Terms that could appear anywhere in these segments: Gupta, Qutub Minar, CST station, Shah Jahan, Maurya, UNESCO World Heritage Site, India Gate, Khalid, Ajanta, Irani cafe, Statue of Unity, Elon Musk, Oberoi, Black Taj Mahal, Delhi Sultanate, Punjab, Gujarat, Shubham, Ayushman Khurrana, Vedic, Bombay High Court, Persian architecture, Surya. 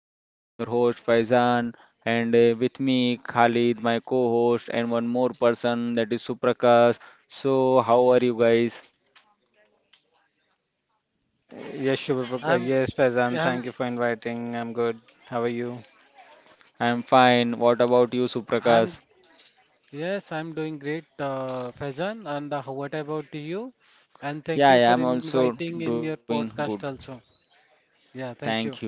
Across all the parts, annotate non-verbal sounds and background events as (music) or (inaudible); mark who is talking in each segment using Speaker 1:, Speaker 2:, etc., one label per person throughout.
Speaker 1: podcast. I'm your host Faizan and with me Khalid, my co-host and one more person that is Suprakash. So how are you guys?
Speaker 2: Yes, Shubham. Yes,
Speaker 3: I'm,
Speaker 2: Faizan. Thank you
Speaker 3: I'm,
Speaker 2: for inviting. I'm good. How are you?
Speaker 1: I'm fine. What about you
Speaker 3: I'm,
Speaker 1: Suprakash?
Speaker 3: yes, I'm doing great, Faizan. And what about you? And
Speaker 1: Yeah,
Speaker 3: thank
Speaker 1: yeah,
Speaker 3: you
Speaker 1: I'm
Speaker 3: for
Speaker 1: also
Speaker 3: inviting in your
Speaker 1: doing good.
Speaker 3: podcast also. Yeah, thank
Speaker 1: Thank
Speaker 3: you.
Speaker 1: you.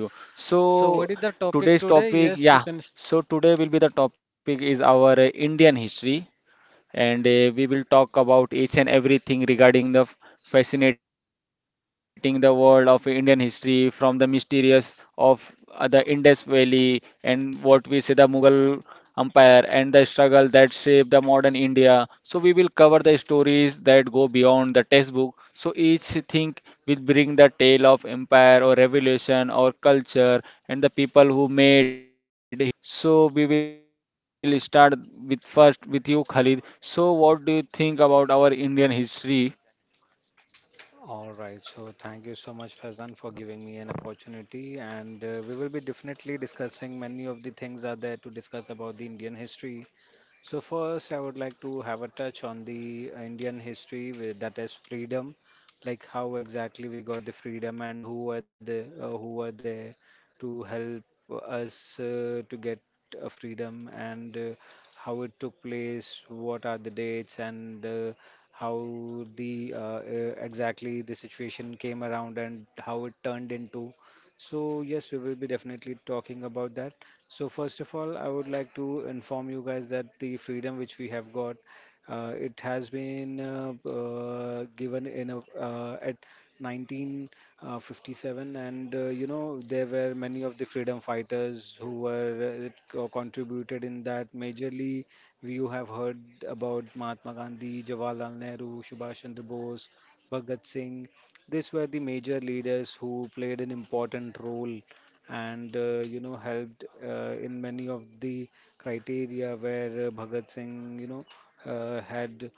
Speaker 3: So,
Speaker 1: So
Speaker 3: what is the topic
Speaker 1: today's
Speaker 3: today?
Speaker 1: topic,
Speaker 3: Yes, you can.
Speaker 1: yeah. So today will be the topic is our Indian history. And we will talk about each and everything regarding the fascinating the world of Indian history from the mysterious of the Indus Valley and what we say the Mughal Empire and the struggle that shaped the modern India. So we will cover the stories that go beyond the textbook. So each thing will bring the tale of empire or revolution or culture and the people who made history, so we will start with first with you, Khalid. So what do you think about our Indian history?
Speaker 2: All right. So thank you so much, Faizan, for giving me an opportunity. And we will be definitely discussing many of the things are there to discuss about the Indian history. So first, I would like to have a touch on the Indian history with, that is freedom, like how exactly we got the freedom and who were the who were there to help us to get a freedom and how it took place, what are the dates and how the exactly the situation came around and how it turned into. So yes, we will be definitely talking about that. So first of all, I would like to inform you guys that the freedom which we have got, it has been given in at 1957, and you know there were many of the freedom fighters who were contributed in that. Majorly, you have heard about Mahatma Gandhi, Jawaharlal Nehru, Subhash Chandra Bose, Bhagat Singh. These were the major leaders who played an important role and you know helped in many of the criteria where Bhagat Singh you know had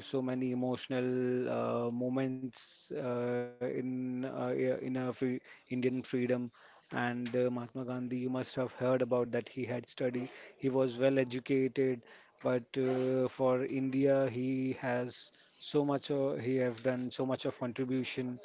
Speaker 2: so many emotional moments in in our Indian freedom and Mahatma Gandhi you must have heard about that he had study, he was well educated, but for India he has so much he have done so much of contribution,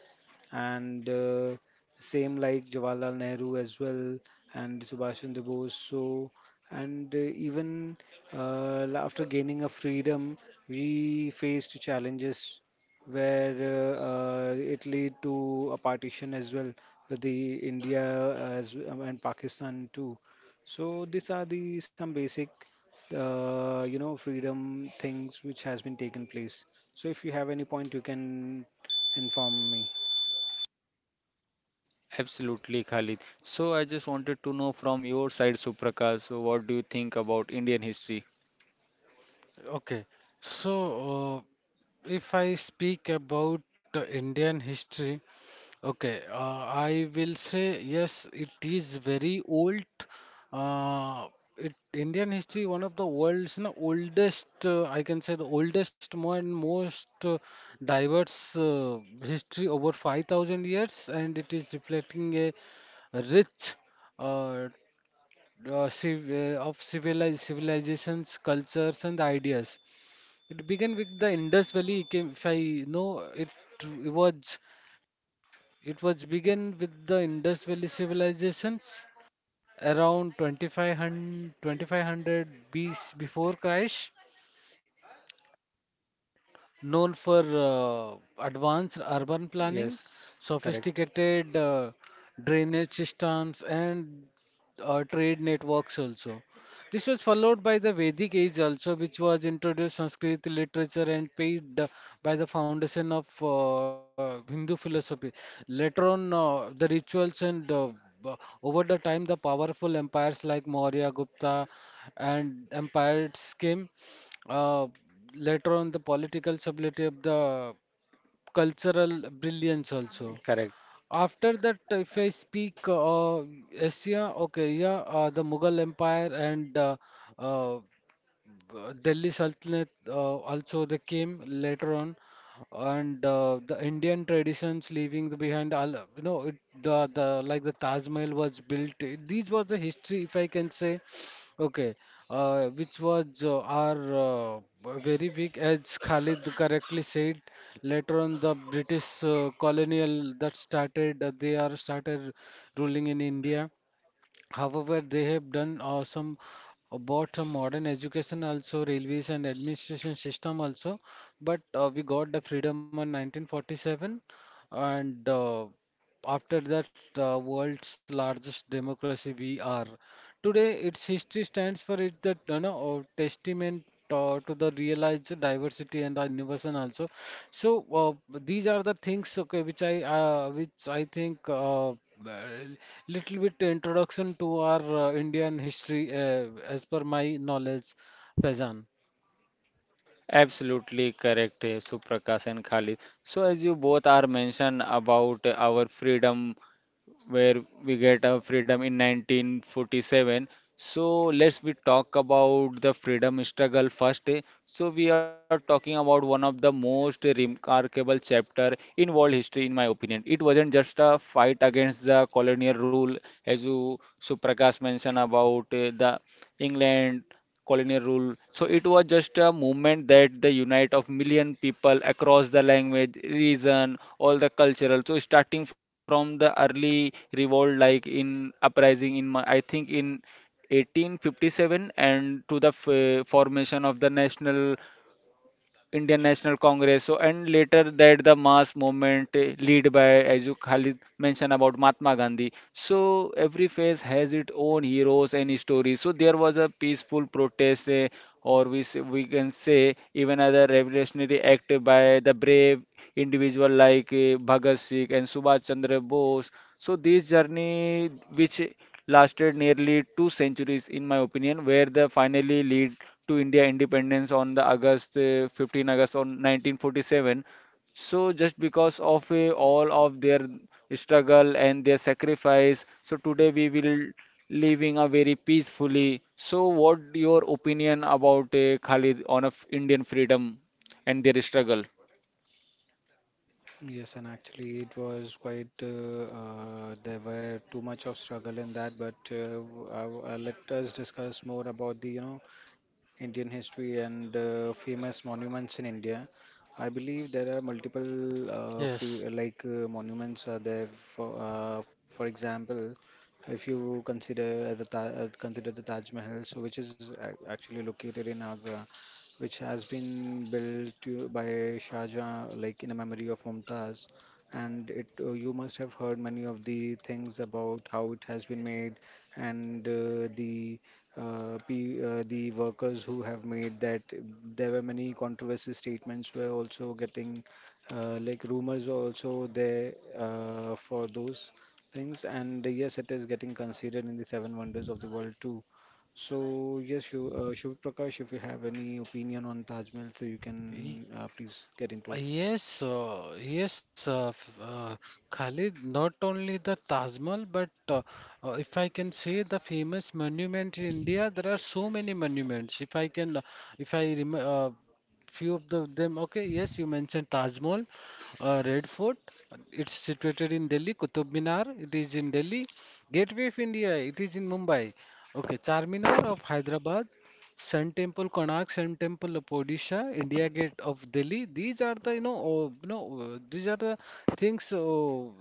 Speaker 2: and same like Jawaharlal Nehru as well and Subhash Chandra Bose. So and even after gaining a freedom, we faced challenges where it led to a partition as well, with the India as and Pakistan too. So these are the some basic you know freedom things which has been taken place. So if you have any point, you can inform me.
Speaker 1: Absolutely, Khalid. So I just wanted to know from your side, Suprakash, so what do you think about Indian history?
Speaker 3: Okay. So, uh, if I speak about Indian history, okay, I will say yes, it is very old. Uh, Indian history, one of the world's, you know, oldest, I can say the oldest and most diverse history over 5,000 years, and it is reflecting a rich uh, civ of civilized civilizations, cultures, and ideas. It began with the Indus Valley, came- if I know it was. It was began with the Indus Valley civilizations around 2500 BC, before Christ, known for advanced urban planning,
Speaker 2: Yes, correct,
Speaker 3: sophisticated drainage systems, and trade networks also. This was followed by the Vedic age also, which was introduced Sanskrit literature and paid by the foundation of Hindu philosophy. Later on, the rituals and b- over the time, the powerful empires like Maurya, Gupta, and empires came. Uh, Later on, the political stability of the cultural brilliance also.
Speaker 2: correct.
Speaker 3: After that, if I speak Asia, okay, yeah, the Mughal Empire and uh, Delhi Sultanate also they came later on, and the Indian traditions leaving the behind all, you know, it, the like the Taj Mahal was built. These was the history, if I can say, okay, which was our very big, as Khalid correctly said. Later on, the British colonial that started, they are started ruling in India. However, they have done some about some modern education also, railways and administration system also. But we got the freedom in 1947, and after that, world's largest democracy we are. Today, its history stands for it that, you know, testament to the realized diversity and innovation also. So these are the things, okay, which I think, well, little bit introduction to our Indian history as per my knowledge, Faizan.
Speaker 1: Absolutely correct, Suprakash and Khalid. So as you both are mentioned about our freedom where we get our freedom in 1947. So let's we talk about the freedom struggle first. Eh. So we are talking about one of the most remarkable chapter in world history, in my opinion. It wasn't just a fight against the colonial rule, as you so Prakash mentioned about the England, colonial rule. So it was just a movement that the unite of million people across the language, region, all the cultural. So starting from the early revolt, like in uprising in I think in 1857 and to the formation of the national Indian National Congress. So, and later that the mass movement led by, as you Khalid mentioned about Mahatma Gandhi. So, every phase has its own heroes and stories. So, there was a peaceful protest, or we say, we can say even other revolutionary act by the brave individual like Bhagat Singh and Subhash Chandra Bose. So this journey, which lasted nearly two centuries, in my opinion, where the finally lead to India independence on the August 15 August on 1947. So just because of all of their struggle and their sacrifice, so today we will living a very peacefully. So what your opinion about Khalid on a Indian freedom and their struggle?
Speaker 2: Yes, and actually it was quite there were too much of struggle in that, but let us discuss more about the you know Indian history and famous monuments in India. I believe there are multiple
Speaker 3: Yes.
Speaker 2: free like monuments are there. For example, if you consider the ta consider the Taj Mahal, so which is actually located in Agra, which has been built by Shah Jahan, like in a memory of Mumtaz. And it, you must have heard many of the things about how it has been made, and uh, pe the workers who have made that. There were many controversy statements were also getting, like rumors were also there for those things. And yes, it is getting considered in the Seven Wonders of the World too. So yes, Shiv Prakash, if you have any opinion on Taj Mahal, so you can please get into it.
Speaker 3: Yes, uh, yes, uh, f- uh, Khalid, not only the Taj Mahal, but if I can say the famous monument in India, there are so many monuments. If I can, if I rem few of the, them, okay, yes, you mentioned Taj Mahal, Red Fort, it's situated in Delhi, Qutub Minar, it is in Delhi, Gateway of India, it is in Mumbai, okay, Charminar of Hyderabad, Sun Temple, Konark Sun Temple of Odisha, India Gate of Delhi. These are the, you know, oh, you know, these are the things, oh,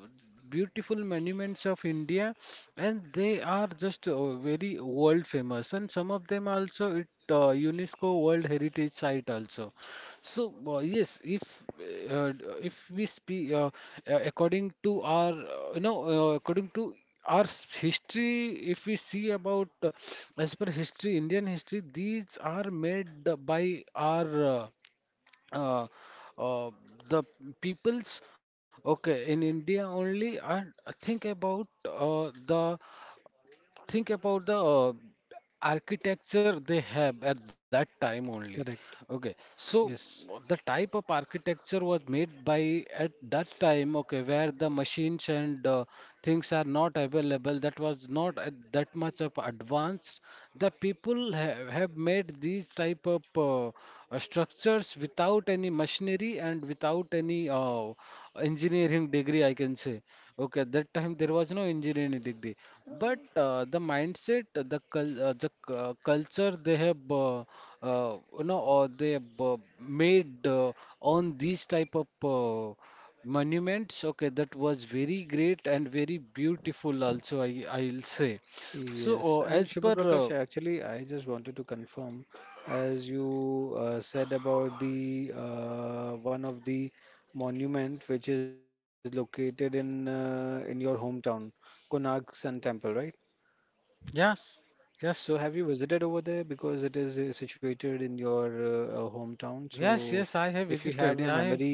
Speaker 3: beautiful monuments of India, and they are just very world famous. And some of them also it UNESCO World Heritage Site also. So, yes, if we speak, according to our, you know, according to our history, if we see about as per history, Indian history, these are made by our uh, uh, the peoples. Okay, in India only, and think about uh, the think about the architecture they have at that time only.
Speaker 2: Correct.
Speaker 3: Okay, so
Speaker 2: Yes.
Speaker 3: the type of architecture was made by at that time, okay, where the machines and things are not available, that was not at that much of advanced. The people have made these type of structures without any machinery and without any engineering degree, I can say. Okay, at that time there was no engineering degree. But the mindset, the cul the c- culture they have, you know, or they have made on these type of monuments. Okay, that was very great and very beautiful also, I I'll say. So
Speaker 2: Yes. And
Speaker 3: as
Speaker 2: Shubha
Speaker 3: per
Speaker 2: Prakash,
Speaker 3: uh,
Speaker 2: actually, I just wanted to confirm, as you said about the one of the monument which is located in your hometown, Konark Sun Temple, right?
Speaker 3: yes, yes,
Speaker 2: So have you visited over there because it is situated in your hometown? So
Speaker 3: yes, I have
Speaker 2: if you
Speaker 3: visited.
Speaker 2: have a
Speaker 3: I have.
Speaker 2: memory,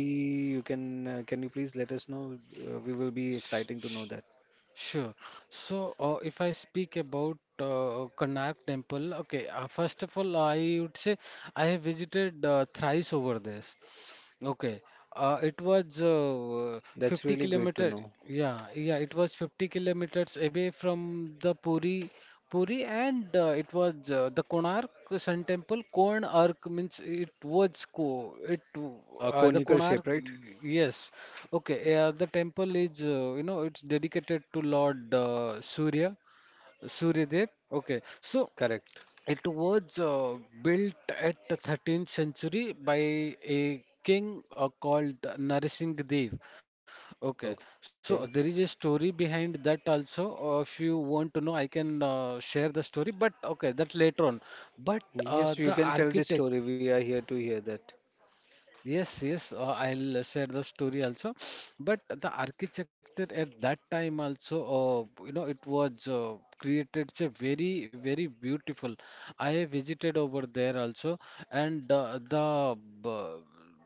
Speaker 2: you can you please let us know? We will be exciting to know that.
Speaker 3: Sure. So, if I speak about Karnak Temple, okay, first of all, I would say I have visited thrice over there. Okay. It was
Speaker 2: That's
Speaker 3: 50
Speaker 2: really great to
Speaker 3: kilometer.
Speaker 2: know.
Speaker 3: Yeah, yeah, it was 50 kilometers away from the Puri, and it was the Konark Sun Temple. Konark means it was ko. The
Speaker 2: Conical
Speaker 3: Konark.
Speaker 2: shape, right?
Speaker 3: Yes. Okay. The temple is, you know, it's dedicated to Lord Surya Dev. Okay. So.
Speaker 2: Correct.
Speaker 3: It was built at the 13th century by a king called Narsingh Dev. Okay,
Speaker 2: Okay.
Speaker 3: so there is a story behind that also. If you want to know, I can share the story, but okay, that later on. But
Speaker 2: Yes, you can
Speaker 3: the
Speaker 2: tell the story.
Speaker 3: architect
Speaker 2: We are here to hear that.
Speaker 3: Yes, I'll share the story also. But the architecture at that time also, you know, it was created. It's a very, very beautiful. I visited over there also, and b-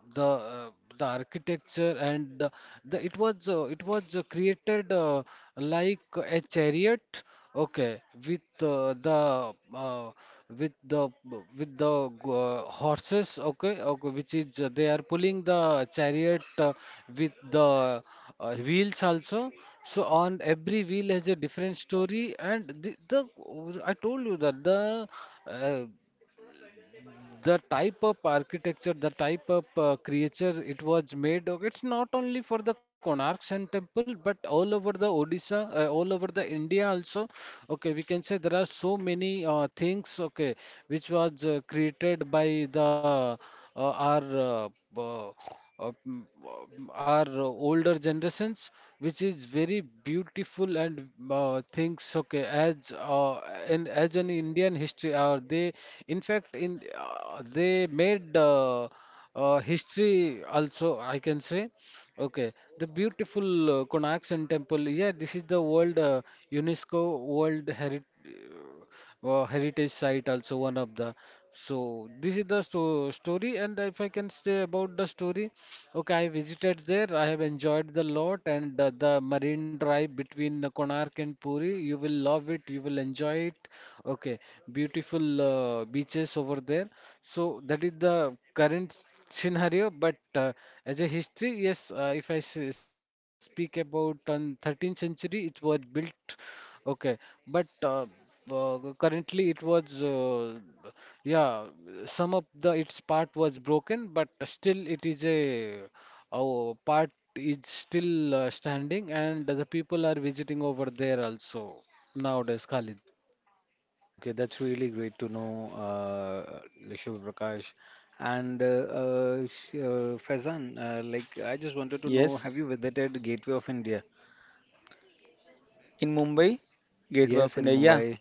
Speaker 3: the uh, the architecture and the it was, created like a chariot. Okay, with the with the with the horses, okay, okay, which is they are pulling the chariot with the wheels also. So on every wheel has a different story, and the I told you that uh, the type of architecture, the type of creature it was made of, it's not only for the Konark Sun Temple, but all over the Odisha, all over the India also. Okay, we can say there are so many things, okay, which was created by our uh, uh, uh, mm, our older generations, which is very beautiful and things. Okay, as in as an Indian history, they in fact in they made history also, I can say. Okay, the beautiful Konak Sun Temple. Yeah, this is the World UNESCO World Heritage Site, also one of the. So this is the story, and if I can say about the story, okay, I visited there. I have enjoyed the lot, and the marine drive between Konark and Puri. You will love it. You will enjoy it. Okay, beautiful beaches over there. So that is the current scenario, but as a history, yes, if I s- speak about on 13th century, it was built, okay, but currently it was, yeah, some of the its part was broken, but still it is a our part is still standing, and the people are visiting over there also nowadays, Khalid.
Speaker 2: Okay, that's really great to know, Shiv Prakash. And Faizan, like I just wanted to know,
Speaker 1: Yes.
Speaker 2: have you visited Gateway of India?
Speaker 1: In Mumbai, Gateway
Speaker 2: Yes,
Speaker 1: of
Speaker 2: in
Speaker 1: India. Yeah,
Speaker 2: Mumbai,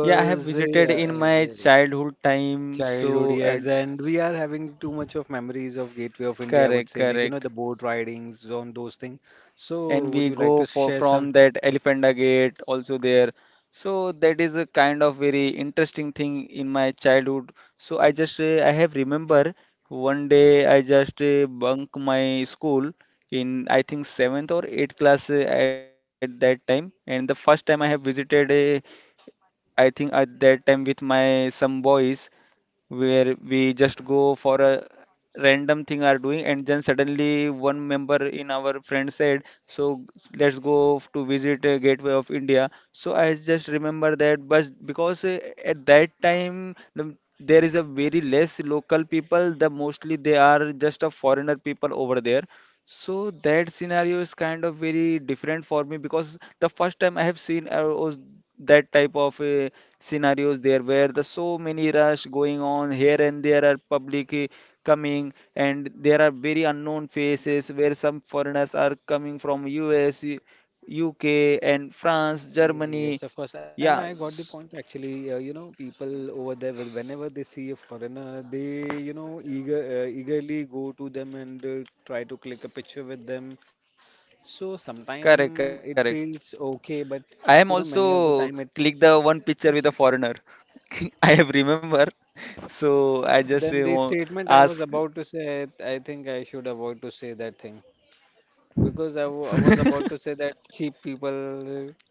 Speaker 1: yeah, I have visited in my childhood time.
Speaker 2: childhood,
Speaker 1: So
Speaker 2: yes, and we are having too much of memories of Gateway of India, I
Speaker 1: correct,
Speaker 2: would say, like, you know,
Speaker 1: correct.
Speaker 2: the boat ridings on those things. So,
Speaker 1: And
Speaker 2: would
Speaker 1: we
Speaker 2: you like
Speaker 1: go
Speaker 2: to
Speaker 1: for
Speaker 2: share some?
Speaker 1: from that Elephanta Gate also there. So that is a kind of very interesting thing in my childhood. So I just I have remember one day I just bunk my school in I think seventh or eighth class at that time. And the first time I have visited, I think at that time with my some boys, where we just go for a random thing are doing, and then suddenly one member in our friend said, so let's go to visit a Gateway of India. So I just remember that, but because at that time the, there is a very less local people, the mostly they are just a foreigner people over there. So that scenario is kind of very different for me because the first time I have seen was that type of scenarios there where the so many rush going on here, and there are public coming, and there are very unknown faces where some foreigners are coming from US, UK and France,
Speaker 2: Yes,
Speaker 1: Germany.
Speaker 2: of course. And I
Speaker 1: Yeah,
Speaker 2: got the point
Speaker 1: s-
Speaker 2: actually. You know, people over there, whenever they see a foreigner, they, you know, eagerly go to them and try to click a picture with them. So sometimes
Speaker 1: correct,
Speaker 2: it
Speaker 1: correct.
Speaker 2: feels okay, but
Speaker 1: I am
Speaker 2: you know, many of the
Speaker 1: also
Speaker 2: time it.
Speaker 1: click the one picture with a foreigner. (laughs) I have remember. So I just
Speaker 2: Then the statement I was
Speaker 1: ask.
Speaker 2: about to say, I think I should avoid to say that thing, because I was about to say that cheap people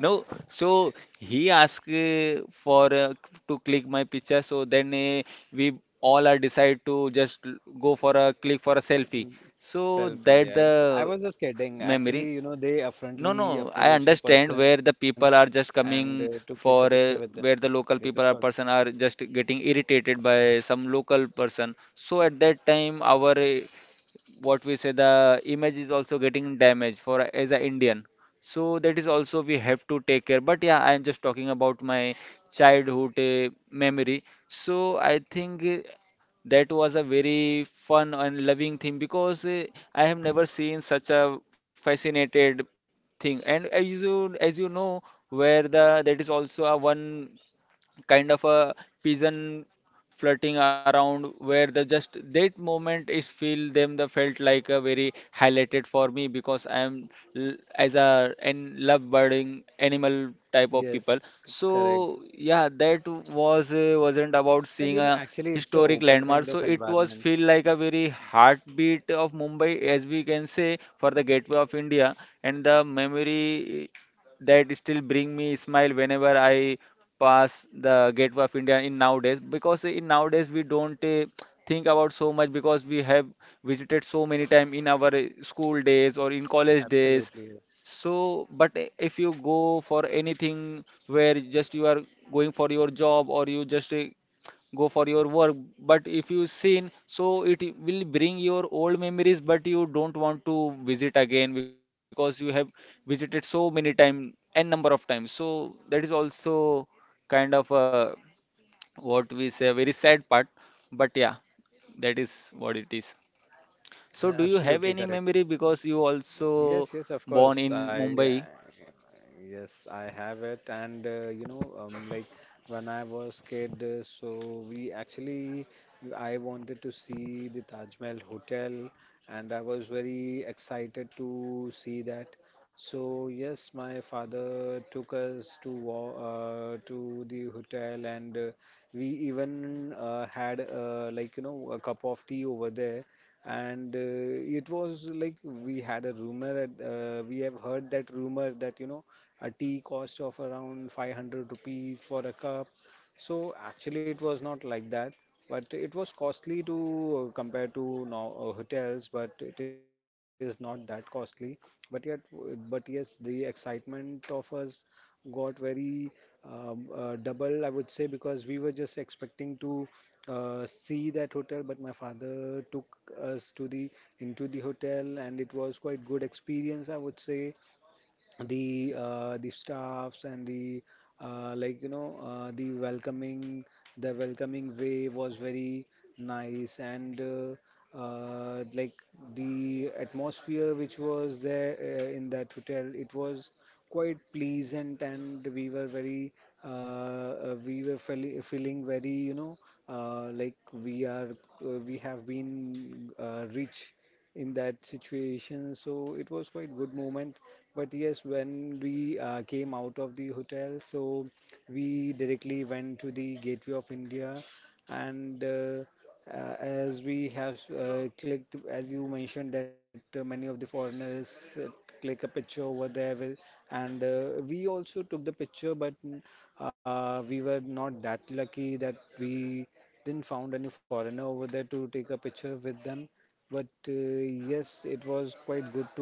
Speaker 1: No, so he asked for to click my picture. So then we all are decide to just go for a click for a selfie. So
Speaker 2: selfie.
Speaker 1: that
Speaker 2: Yeah,
Speaker 1: the
Speaker 2: I was just kidding.
Speaker 1: memory.
Speaker 2: Actually, you know, they
Speaker 1: No, no,
Speaker 2: affrontly
Speaker 1: I
Speaker 2: approach a
Speaker 1: understand where
Speaker 2: person
Speaker 1: the people are just
Speaker 2: and to
Speaker 1: coming
Speaker 2: click a picture
Speaker 1: for
Speaker 2: with them.
Speaker 1: where the
Speaker 2: Yes, of
Speaker 1: local people
Speaker 2: course.
Speaker 1: are person are just getting irritated by some local person. So at that time, our what we say the image is also getting damaged for as a Indian. So that is also we have to take care. But yeah, I am just talking about my childhood memory. So I think that was a very fun and loving thing because I have never seen such a fascinated thing. And as you know, where the that is also a one kind of a pigeon flirting around, where the just that moment is feel them, the felt like a very highlighted for me because I am as a and love birding animal type of people.
Speaker 2: Correct.
Speaker 1: So yeah, that was wasn't about
Speaker 2: And
Speaker 1: seeing
Speaker 2: you know,
Speaker 1: a
Speaker 2: actually, it's an
Speaker 1: historic
Speaker 2: open
Speaker 1: landmark,
Speaker 2: kind
Speaker 1: so
Speaker 2: of
Speaker 1: it was
Speaker 2: environment.
Speaker 1: feel like a very heartbeat of Mumbai, as we can say, for the Gateway of India, and the memory that still bring me smile whenever I pass the Gateway of India in nowadays, because in nowadays we don't think about so much because we have visited so many time in our school days or in college days.
Speaker 2: Absolutely, yes.
Speaker 1: So, but if you go for anything where just you are going for your job or you just go for your work, but if you seen, so it will bring your old memories, but you don't want to visit again because you have visited so many time, n number of times. So that is also kind of what we say very sad part, but yeah, that is what it is. So
Speaker 2: Yeah,
Speaker 1: do you have
Speaker 2: absolutely
Speaker 1: any
Speaker 2: correct.
Speaker 1: memory because you also
Speaker 2: Yes, yes, of
Speaker 1: born
Speaker 2: course.
Speaker 1: in
Speaker 2: I,
Speaker 1: Mumbai?
Speaker 2: yes, I have it. And you know, like when I was kid, so we actually, I wanted to see the Taj Mahal Hotel, and I was very excited to see that. So, yes, my father took us to the hotel, and we even had like, you know, a cup of tea over there, and it was like we had a rumor we have heard that rumor that you know a tea cost of around ₹500 for a cup. So actually it was not like that, but it was costly to compare to now hotels, but it is not that costly. But yet, but yes, the excitement of us got very double, I would say, because we were just expecting to see that hotel, but my father took us to the into the hotel, and it was quite good experience, I would say. The staffs and the like you know the welcoming, the welcoming way was very nice, and like the atmosphere which was there in that hotel, it was quite pleasant and we were very we were feeling very you know like we are we have been rich in that situation, so it was quite good moment. But yes, when we came out of the hotel, so we directly went to the Gateway of India, and as we have clicked, as you mentioned that many of the foreigners click a picture over there, with, and we also took the picture, but we were not that lucky that we didn't found any foreigner over there to take a picture with them. But yes, it was quite good to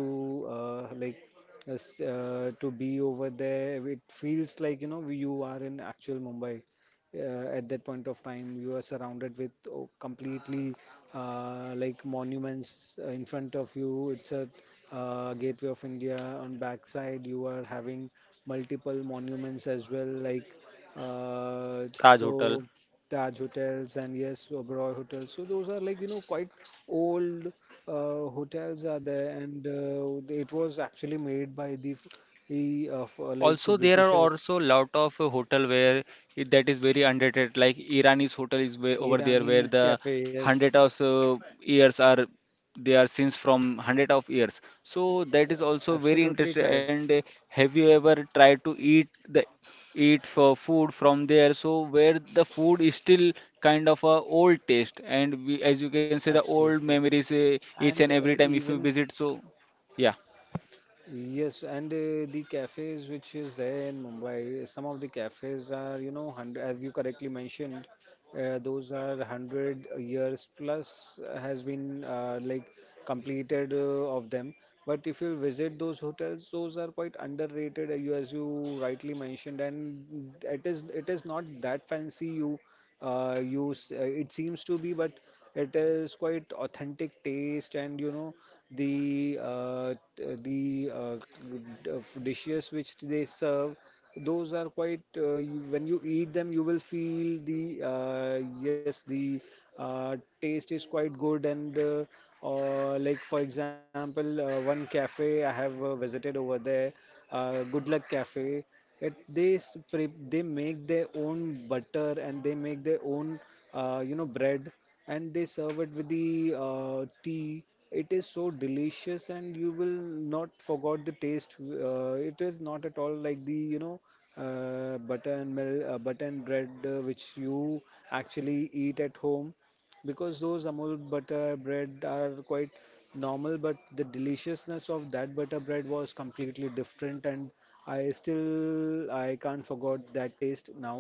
Speaker 2: like. Yes, to be over there, it feels like you know you are in actual Mumbai. At that point of time, you are surrounded with oh, completely like monuments in front of you. It's a Gateway of India. On backside, you are having multiple monuments as well, like
Speaker 1: Taj
Speaker 2: so
Speaker 1: hotel.
Speaker 2: Taj hotels and yes, Oberoi hotels. So those are like you know quite old hotels are there, and it was actually made by the like
Speaker 1: Also, there are
Speaker 2: Britishers,
Speaker 1: also lot of hotel where that is very underrated. Like Irani's hotel is way over there
Speaker 2: Irani
Speaker 1: where the
Speaker 2: cafe.
Speaker 1: hundred
Speaker 2: Yes,
Speaker 1: of years are they are since from hundred of years. So that is
Speaker 2: absolutely
Speaker 1: also very
Speaker 2: correct.
Speaker 1: interesting. And have you ever tried to eat for food from there? So where the food is still kind of a old taste, and we, as you can say, the
Speaker 2: Absolutely,
Speaker 1: old
Speaker 2: yes.
Speaker 1: memories
Speaker 2: And
Speaker 1: each
Speaker 2: uh,
Speaker 1: and every time
Speaker 2: even.
Speaker 1: if you visit. So yeah.
Speaker 2: Yes, and the cafes which is there in Mumbai, some of the cafes are, you know, hundred, as you correctly mentioned, those are 100 years plus has been like completed of them. But if you visit those hotels, those are quite underrated, you as you rightly mentioned, and it is not that fancy. It seems to be, but it is quite authentic taste, and you know the t- the d- of dishes which they serve, those are quite you, when you eat them you will feel the yes the uh, taste is quite good, and like for example one cafe I have visited over there, Good Luck Cafe. It they s- pre They make their own butter and they make their own you know bread, and they serve it with the tea. It is so delicious and you will not forget the taste. It is not at all like the you know butter and bread which you actually eat at home, because those amul butter bread are quite normal, but the deliciousness of that butter bread was completely different, and I can't forget that taste now.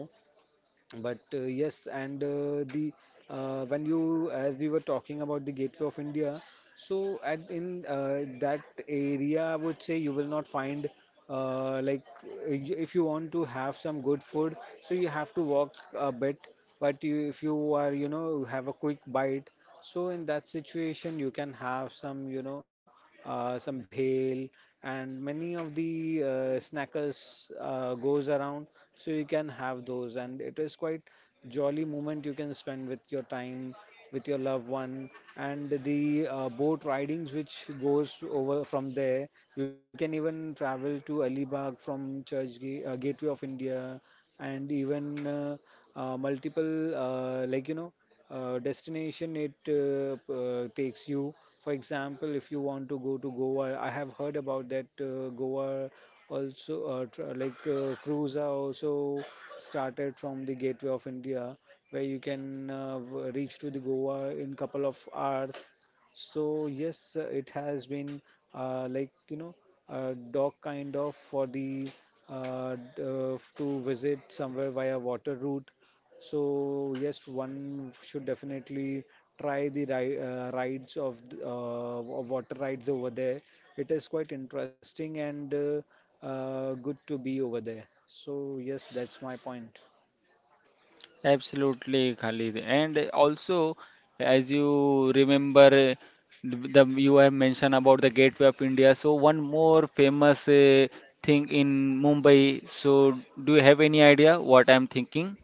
Speaker 2: But yes, and the when you as we were talking about the Gateway of India, so at in that area, I would say you will not find if you want to have some good food, so you have to walk a bit. But you, if you are you know have a quick bite, so in that situation, you can have some, you know, some bhel, and many of the snackers goes around. So you can have those, and it is quite jolly moment you can spend with your time, with your loved one, and the boat ridings which goes over from there. You can even travel to Alibag from Gateway of India, and even multiple destination it takes you. For example, if you want to go to Goa, I have heard about that Goa also tr like cruise are also started from the Gateway of India, where you can reach to the Goa in couple of hours. So yes, it has been uh, like you know a dock kind of for the to visit somewhere via water route. So yes, one should definitely try the ri rides of water rides over there. It is quite interesting and good to be over there. So yes, that's my point.
Speaker 1: Absolutely, Khalid. And also, as you remember, the you have mentioned about the Gateway of India. So one more famous thing in Mumbai. So do you have any idea what I'm thinking?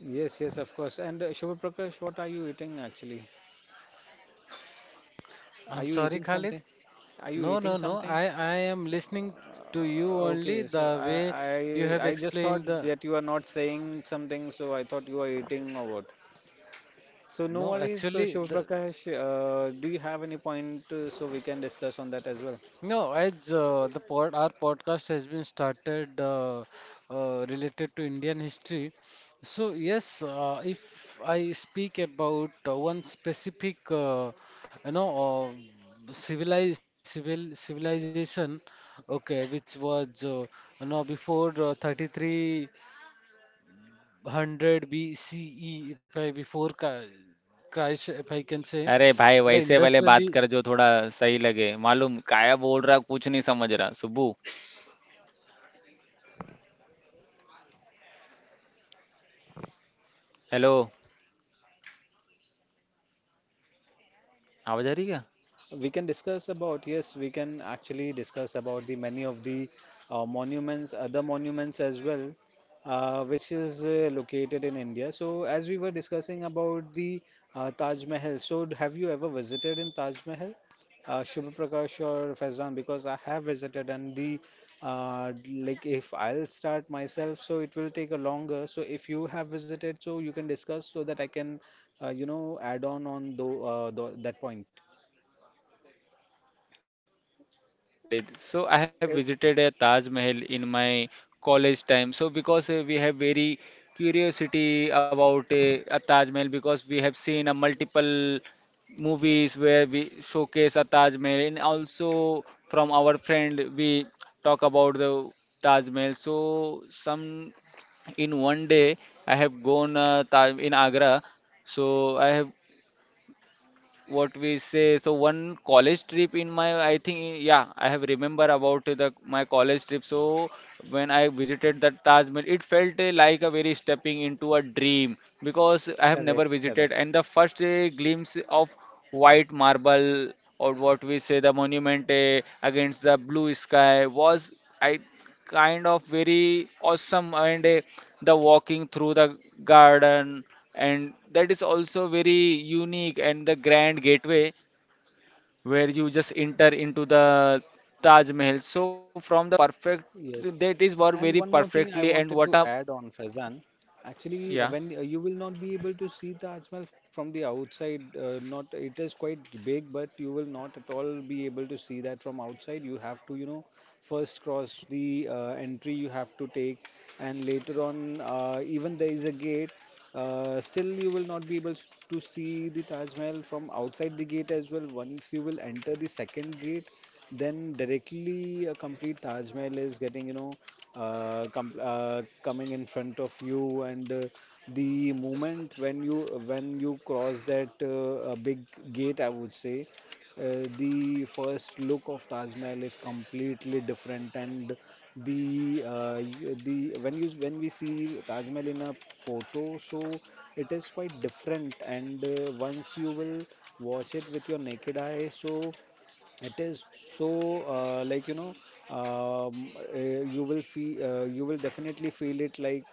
Speaker 2: Yes, yes, of course. And Shubha Prakash, what are you eating actually? Are
Speaker 3: I'm
Speaker 2: you
Speaker 3: sorry,
Speaker 2: eating
Speaker 3: Khalid.
Speaker 2: something? Are you
Speaker 3: No, no,
Speaker 2: eating
Speaker 3: no.
Speaker 2: something?
Speaker 3: I am listening to you
Speaker 2: Uh,
Speaker 3: only
Speaker 2: okay, so
Speaker 3: the
Speaker 2: I
Speaker 3: way
Speaker 2: I
Speaker 3: you have
Speaker 2: I just thought
Speaker 3: explained the.
Speaker 2: that you are not saying something, so I thought you are eating or what? So no
Speaker 3: No,
Speaker 2: worries. So
Speaker 3: actually,
Speaker 2: Shiv
Speaker 3: the
Speaker 2: Prakash, do you have any point so we can discuss on that as well?
Speaker 3: no. As the pod, our podcast has been started related to Indian history. So yes, if I speak about one specific, you know, civilized civil civilization, okay, which was, you know, before 33. 100 BCE, if I before Chri- Christ, if I can say,
Speaker 1: अरे भाई
Speaker 3: the
Speaker 1: वैसे वाले
Speaker 3: Indus
Speaker 1: बात
Speaker 3: Valley.
Speaker 1: कर जो थोड़ा सही लगे मालूम काया बोल रहा कुछ नहीं समझ रहा सुबू हेलो आवाज आ रही क्या.
Speaker 2: We can discuss about, yes, we can actually discuss about the many of the monuments, other monuments as well, which is located in India. So as we were discussing about the Taj Mahal, so have you ever visited in Taj Mahal, Shubha Prakash or Faizan? Because I have visited, and the like if I'll start myself, so it will take a longer. So if you have visited, so you can discuss, so that I can you know add on that point.
Speaker 1: Yeah, Khalid. So I have visited a Taj Mahal in my college time. So because we have very curiosity about a Taj Mahal because we have seen a multiple movies where we showcase a Taj Mahal, and also from our friend we talk about the Taj Mahal. So some in one day I have gone Taj in Agra. So I have, what we say, so one college trip in my, I think, yeah, I have remember about the my college trip. So when I visited the Taj Mahal, it felt like a very stepping into a dream, because I have never
Speaker 2: Correct,
Speaker 1: visited, and
Speaker 2: correct.
Speaker 1: the first glimpse of white marble, or what we say the monument against the blue sky, was, I kind of very awesome, and the walking through the garden, and that is also very unique, and the grand gateway where you just enter into the Taj Mahal. So from the perfect, that
Speaker 2: Yes.
Speaker 1: is work very
Speaker 2: And one more
Speaker 1: perfectly,
Speaker 2: thing I
Speaker 1: and what
Speaker 2: wanted
Speaker 1: a
Speaker 2: to add on, Faizan.
Speaker 1: yeah.
Speaker 2: Actually, when you will not be able to see Taj Mahal from the outside, not it is quite big, but you will not at all be able to see that from outside. You have to, you know, first cross the entry you have to take, and later on, even there is a gate. Still, you will not be able to see the Taj Mahal from outside the gate as well. Once you will enter the second gate, then directly a complete Taj Mahal is getting, you know, coming in front of you, and the moment when you cross that a big gate, I would say, the first look of Taj Mahal is completely different, and the y- the when you when we see Taj Mahal in a photo, so it is quite different, and once you will watch it with your naked eye, so it is so uh, like you know you will feel you will definitely feel it like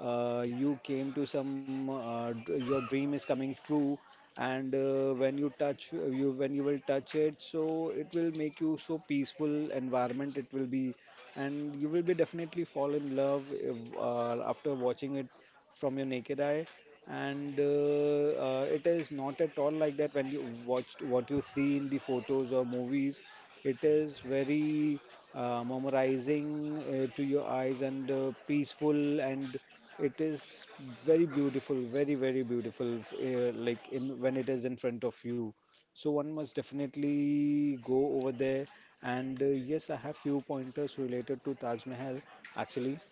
Speaker 2: you came to some your dream is coming true, and when you touch you when you will touch it, so it will make you so peaceful environment it will be, and you will be definitely fall in love, if, after watching it from your naked eye. And it is not at all like that when you watched what you see in the photos or movies. It is very mesmerizing to your eyes, and peaceful, and it is very beautiful, very very beautiful, f- like in when it is in front of you. So one must definitely go over there. And yes, I have few pointers related to Taj Mahal actually.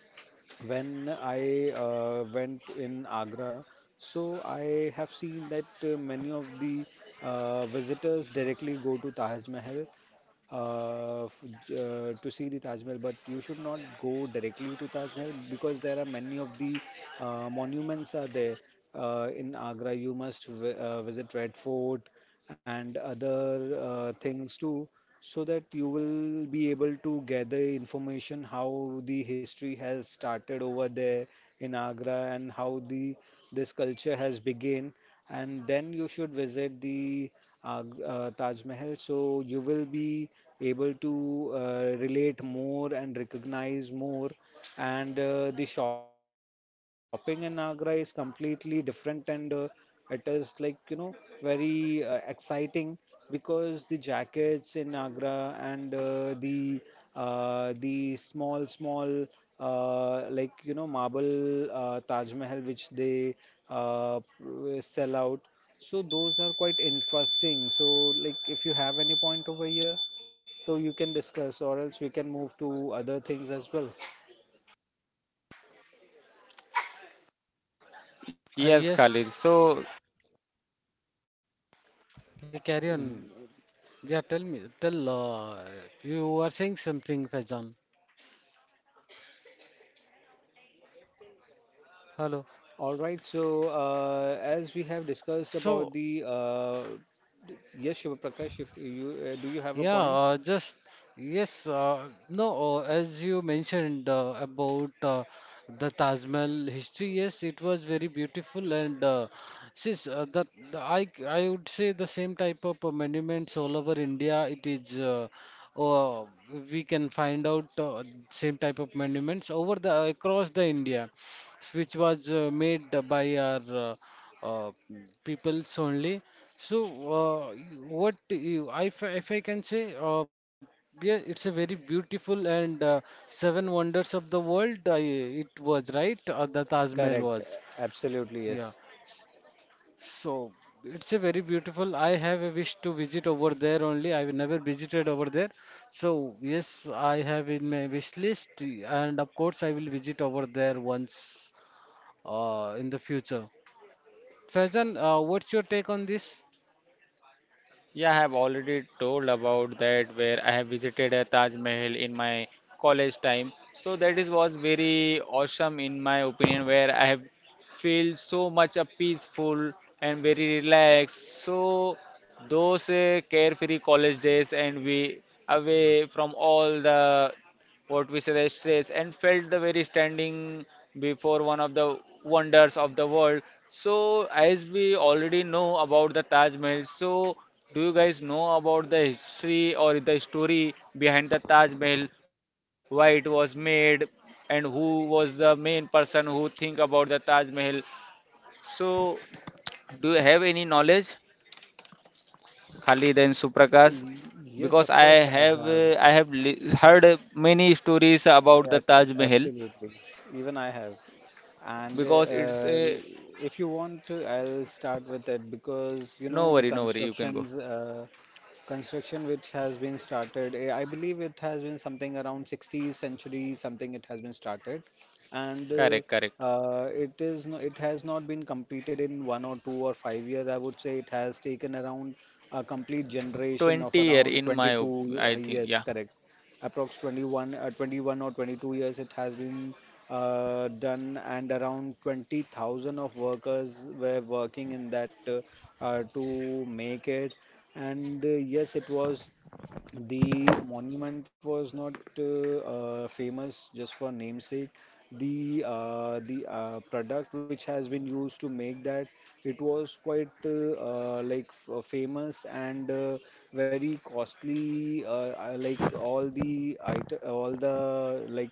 Speaker 2: When I went in Agra, so I have seen that many of the visitors directly go to Taj Mahal to see the Taj Mahal. But you should not go directly to Taj Mahal because there are many of the monuments are there in Agra. You must vi visit Red Fort and other things too, so that you will be able to gather information how the history has started over there in Agra and how the this culture has begun, and then you should visit the Taj Mahal, so you will be able to relate more and recognize more. And the shopping in Agra is completely different, and it is, like you know, very exciting, because the jackets in Agra and the small small marble Taj Mahal which they sell out, so those are quite interesting. So like if you have any point over here, so you can discuss, or else we can move to other things as well.
Speaker 1: Yes, Khalid. So
Speaker 3: Yes, yeah, carry on. Yeah, tell me, tell. You are saying something, Faizan. Hello.
Speaker 2: All right, so as we have discussed
Speaker 3: So,
Speaker 2: about the yes, Shubha Prakash, if you do you have a
Speaker 3: yeah,
Speaker 2: point?
Speaker 3: just yes, no, as you mentioned about the Taj Mahal history, yes, it was very beautiful and since that the, I would say the same type of monuments all over India. It is uh, we can find out same type of monuments over the across the India, which was made by our uh, peoples only. So, what you, if I can say, yeah, it's a very beautiful and seven wonders of the world. It was right, the Taj Mahal
Speaker 2: Correct,
Speaker 3: was.
Speaker 2: absolutely
Speaker 3: Yeah.
Speaker 2: yes.
Speaker 3: So it's a very beautiful. I have a wish to visit over there only. I've never visited over there. So yes, I have in my wish list, and of course I will visit over there once in the future. Faizan, what's your take on this?
Speaker 1: yeah, I have already told about that where I have visited a Taj Mahal in my college time. So that is was very awesome in my opinion, where I have feel so much a peaceful and very relaxed. So those carefree college days, and we away from all the, what we say, the stress, and felt the very standing before one of the wonders of the world. So as we already know about the Taj Mahal, so do you guys know about the history or the story behind the Taj Mahal, why it was made and who was the main person who think about the Taj Mahal? So do you have any knowledge, Khalid and
Speaker 2: Uh,
Speaker 1: Suprakash,
Speaker 2: y- yes,
Speaker 1: because
Speaker 2: of
Speaker 1: i
Speaker 2: course I
Speaker 1: have
Speaker 2: have.
Speaker 1: uh, i have heard many stories about the
Speaker 2: Yes,
Speaker 1: Taj Mahal,
Speaker 2: absolutely. Even I have. And
Speaker 1: because it's a,
Speaker 2: if you want to, I'll start with it because you know
Speaker 1: no
Speaker 2: the
Speaker 1: worry, no worry, you can go.
Speaker 2: constructions. Construction which has been started, I believe it has been something around 60th century something it has been started, and
Speaker 1: Correct, correct.
Speaker 2: it is no, it has not been completed in 1 or 2 or 5 years. I would say it has taken around a complete generation of
Speaker 1: 20 year
Speaker 2: around
Speaker 1: in my
Speaker 2: 22
Speaker 1: I think,
Speaker 2: years,
Speaker 1: yeah,
Speaker 2: correct. Approx 21 21 or 22 years it has been done, and around 20,000 of workers were working in that to make it. And yes, it was. The monument was not famous just for namesake. The product which has been used to make that, it was quite like f famous and very costly. Like all the item, all the like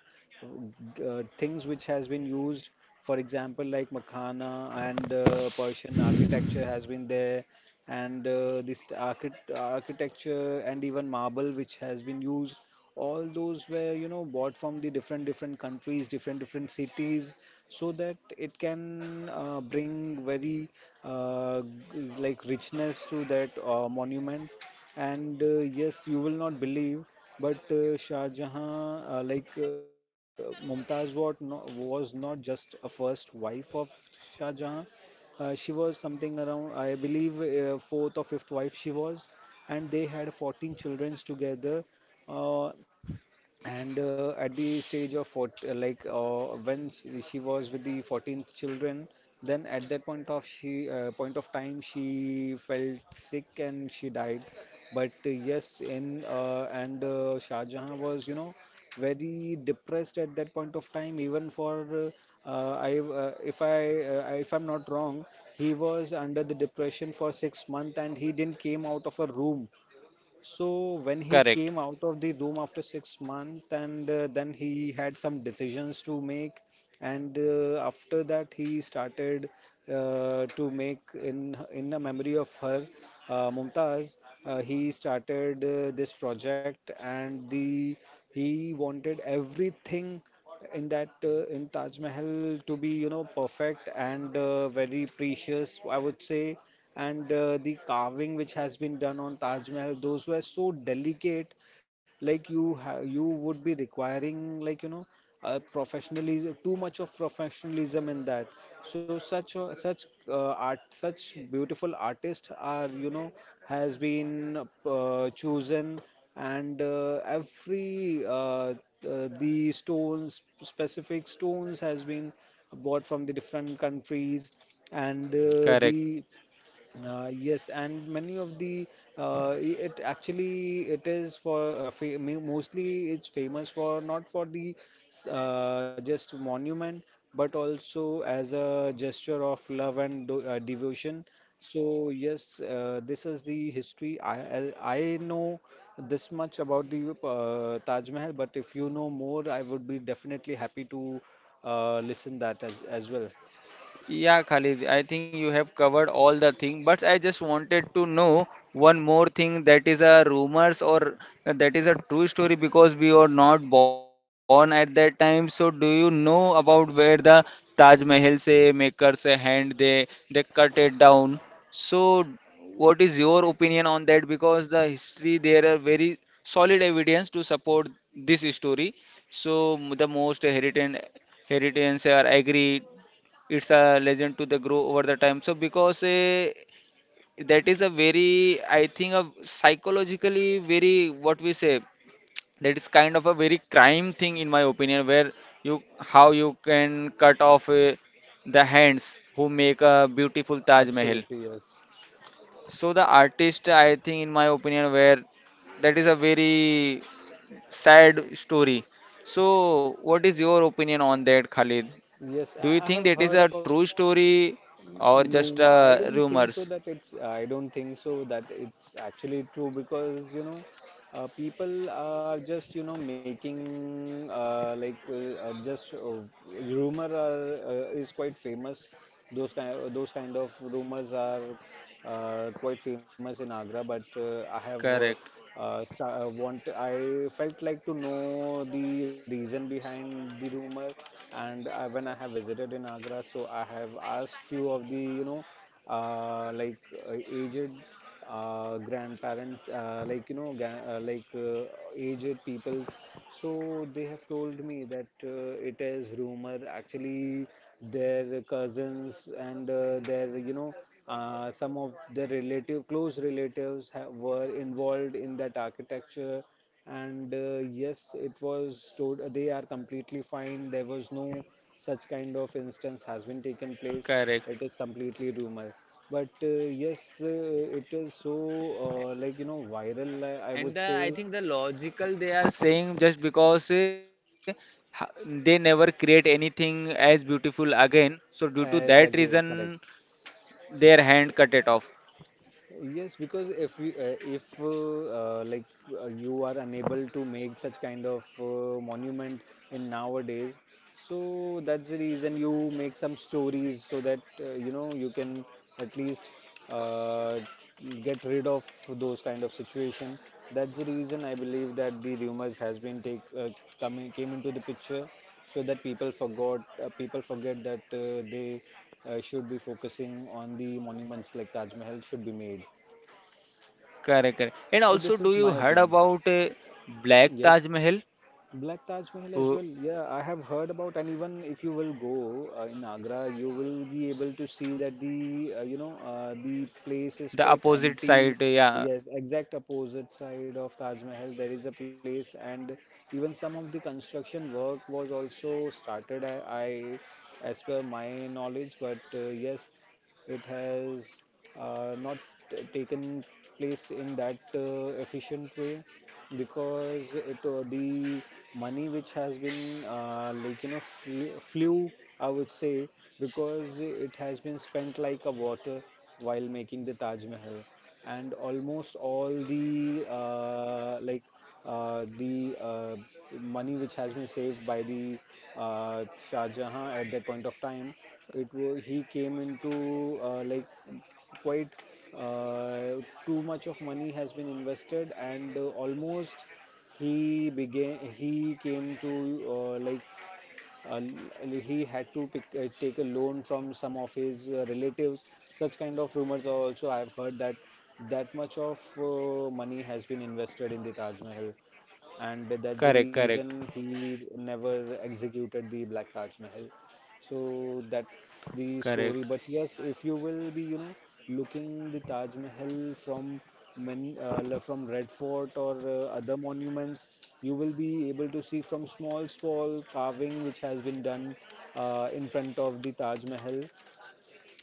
Speaker 2: things which has been used. For example, like Makhana and Persian architecture has been there, and this architecture and even marble which has been used, all those were you know bought from the different different countries, different different cities, so that it can bring very uh, like richness to that monument. And yes, you will not believe, but Shah Jahan, Mumtaz was not just a first wife of Shah Jahan. She was something around, I believe, fourth or fifth wife she was, and they had 14 children together. Uh, and at the stage of 40, when she was with the 14th children, then at that point of time she felt sick and she died. But yes, in and Shah Jahan was you know very depressed at that point of time, even for I if I if I'm not wrong, he was under the depression for 6 months, and he didn't came out of a room. So when he came
Speaker 1: correct,
Speaker 2: out of the room after 6 months, and then he had some decisions to make, and after that he started to make, in the memory of her, Mumtaz. He started this project, and the he wanted everything in that in Taj Mahal to be, you know, perfect, and very precious, I would say. And the carving which has been done on Taj Mahal, those were so delicate. Like you would be requiring, like you know, professionalism, too much of professionalism in that. So such art, such beautiful artists are you know has been chosen, and every the stones, specific stones has been bought from the different countries, and
Speaker 1: correct.
Speaker 2: the yes, and many of the it actually it is for mostly it's famous for, not for the just monument but also as a gesture of love and devotion. So yes, this is the history. I know this much about the Taj Mahal, but if you know more, I would be definitely happy to listen that as well.
Speaker 1: Yeah, Khalid, I think you have covered all the thing, but I just wanted to know one more thing, that is a rumors or that is a true story, because we were not born at that time. So do you know about where the Taj Mahal say makers a hand, they cut it down? So what is your opinion on that? Because the history there are very solid evidence to support this story. The most heritage heritage are agree it's a legend to the grow over the time, so because that is a very, I think, a psychologically very, what we say, that is kind of a very crime thing in my opinion, where you, how you can cut off the hands who make a beautiful Taj Mahal.
Speaker 2: Absolutely, yes.
Speaker 1: So the artist, I think in my opinion, where that is a very sad story. So what is your opinion on that, Khalid?
Speaker 2: Yes,
Speaker 1: Do you
Speaker 2: I
Speaker 1: think
Speaker 2: have
Speaker 1: that is
Speaker 2: heard
Speaker 1: a
Speaker 2: about.
Speaker 1: true story or just
Speaker 2: No, I don't think so
Speaker 1: rumors?
Speaker 2: that it's I don't think so that it's actually true because people are just making like just rumor are, is quite famous. Those kind of rumors are quite famous in Agra, but I have
Speaker 1: Correct,
Speaker 2: sta- want I felt like to know the reason behind the rumor. And when I have visited in Agra, so I have asked few of the uh, like aged grandparents, aged peoples. So they have told me that it is rumor. Actually, their cousins and their some of their relative close relatives have, were involved in that architecture, and yes, it was stored. They are completely fine. There was no such kind of instance has been taken place. It
Speaker 1: correct.
Speaker 2: is completely rumor, but yes, it is so viral, I would
Speaker 1: And the,
Speaker 2: say.
Speaker 1: I think the logical they are saying just because they never create anything as beautiful again. So due to
Speaker 2: As
Speaker 1: that
Speaker 2: again, correct.
Speaker 1: reason, their hand cut it off.
Speaker 2: Yes, because if you if like you are unable to make such kind of monument in nowadays, so that's the reason you make some stories so that you know you can at least uh, get rid of those kind of situation. That's the reason I believe that the rumors has been take coming came into the picture so that people forget that they should be focusing on the monuments like Taj Mahal should be made.
Speaker 1: Correct, correct. And
Speaker 2: So
Speaker 1: also,
Speaker 2: this
Speaker 1: do
Speaker 2: is
Speaker 1: you
Speaker 2: my
Speaker 1: heard
Speaker 2: opinion.
Speaker 1: about Black Taj
Speaker 2: Yes.
Speaker 1: Mahal?
Speaker 2: Black Taj Mahal as
Speaker 1: Oh,
Speaker 2: well. Yeah, I have heard about, and even if you will go in Agra, you will be able to see that the the place is
Speaker 1: the
Speaker 2: quite
Speaker 1: opposite
Speaker 2: empty.
Speaker 1: side. Yeah,
Speaker 2: Yes, exact opposite side of Taj Mahal, there is a place, and even some of the construction work was also started. I as per my knowledge, but yes, it has not taken place in that efficient way because it the money which has been flew, I would say, because it has been spent like a water while making the Taj Mahal. And almost all the uh, the uh, money which has been saved by the Shah Jahan at that point of time, he came into quite uh, too much of money has been invested, and almost he came to uh, like uh, he had to take a loan from some of his relatives. Such kind of rumors are also I have heard that that much of money has been invested in the Taj Mahal, and that's the
Speaker 1: correct,
Speaker 2: reason
Speaker 1: correct,
Speaker 2: he never executed the Black Taj Mahal. So that's
Speaker 1: correct,
Speaker 2: the story, but yes, if you will be looking the Taj Mahal from from Red Fort or other monuments, you will be able to see from small, small carving which has been done in front of the Taj Mahal.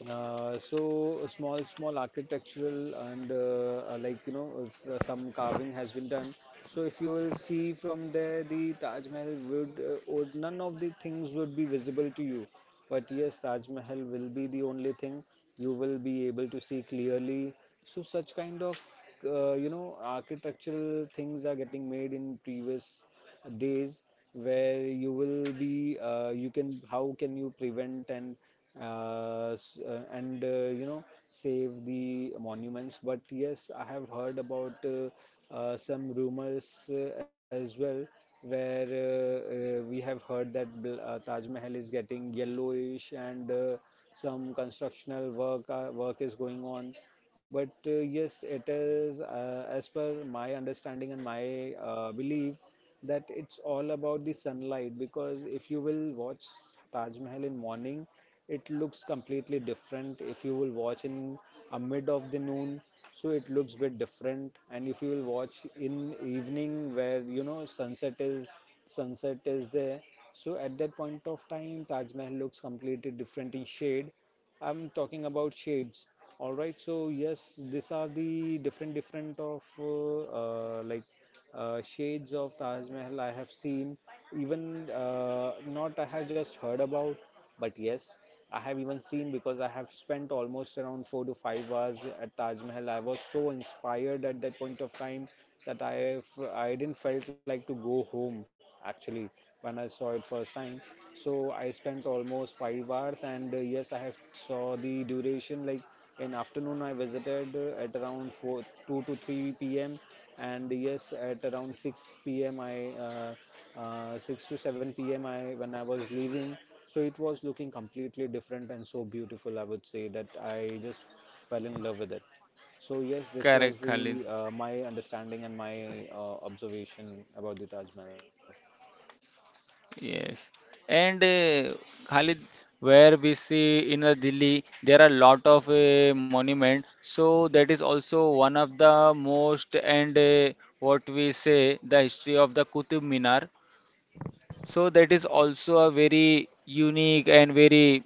Speaker 2: So small, small architectural and some carving has been done. So if you will see from there, the Taj Mahal would or none of the things would be visible to you. But yes, Taj Mahal will be the only thing you will be able to see clearly. So such kind of architectural things are getting made in previous days where you will be you can how can you prevent and uh, s- uh, and uh, you know save the monuments. But yes, I have heard about some rumors as well, where we have heard that Taj Mahal is getting yellowish, and some constructional work is going on. But yes, it is as per my understanding and my belief that it's all about the sunlight, because if you will watch Taj Mahal in morning, it looks completely different. If you will watch in a mid of the noon, so it looks bit different. And if you will watch in evening where you know sunset is there, so at that point of time, Taj Mahal looks completely different in shade. I'm talking about shades. All right, so yes, these are the different different of uh, like shades of Taj Mahal I have seen, even not I have just heard about, but yes, I have even seen because I have spent almost around 4 to 5 hours at Taj Mahal. I was so inspired at that point of time that I didn't felt like to go home, actually, when I saw it first time. So I spent almost 5 hours, and yes, I have saw the duration like in afternoon I visited at around four 2 to 3 p.m., and yes, at around 6 p.m I 6 to 7 p.m I when I was leaving, so it was looking completely different and so beautiful, I would say, that I just fell in love with it. So yes, this was
Speaker 1: correct, Khalid.
Speaker 2: the my understanding and my observation about the Taj Mahal.
Speaker 1: Yes, and Khalid, where we see in Delhi, there are lot of monument. So that is also one of the most, and what we say, the history of the Qutub Minar. So that is also a very unique and very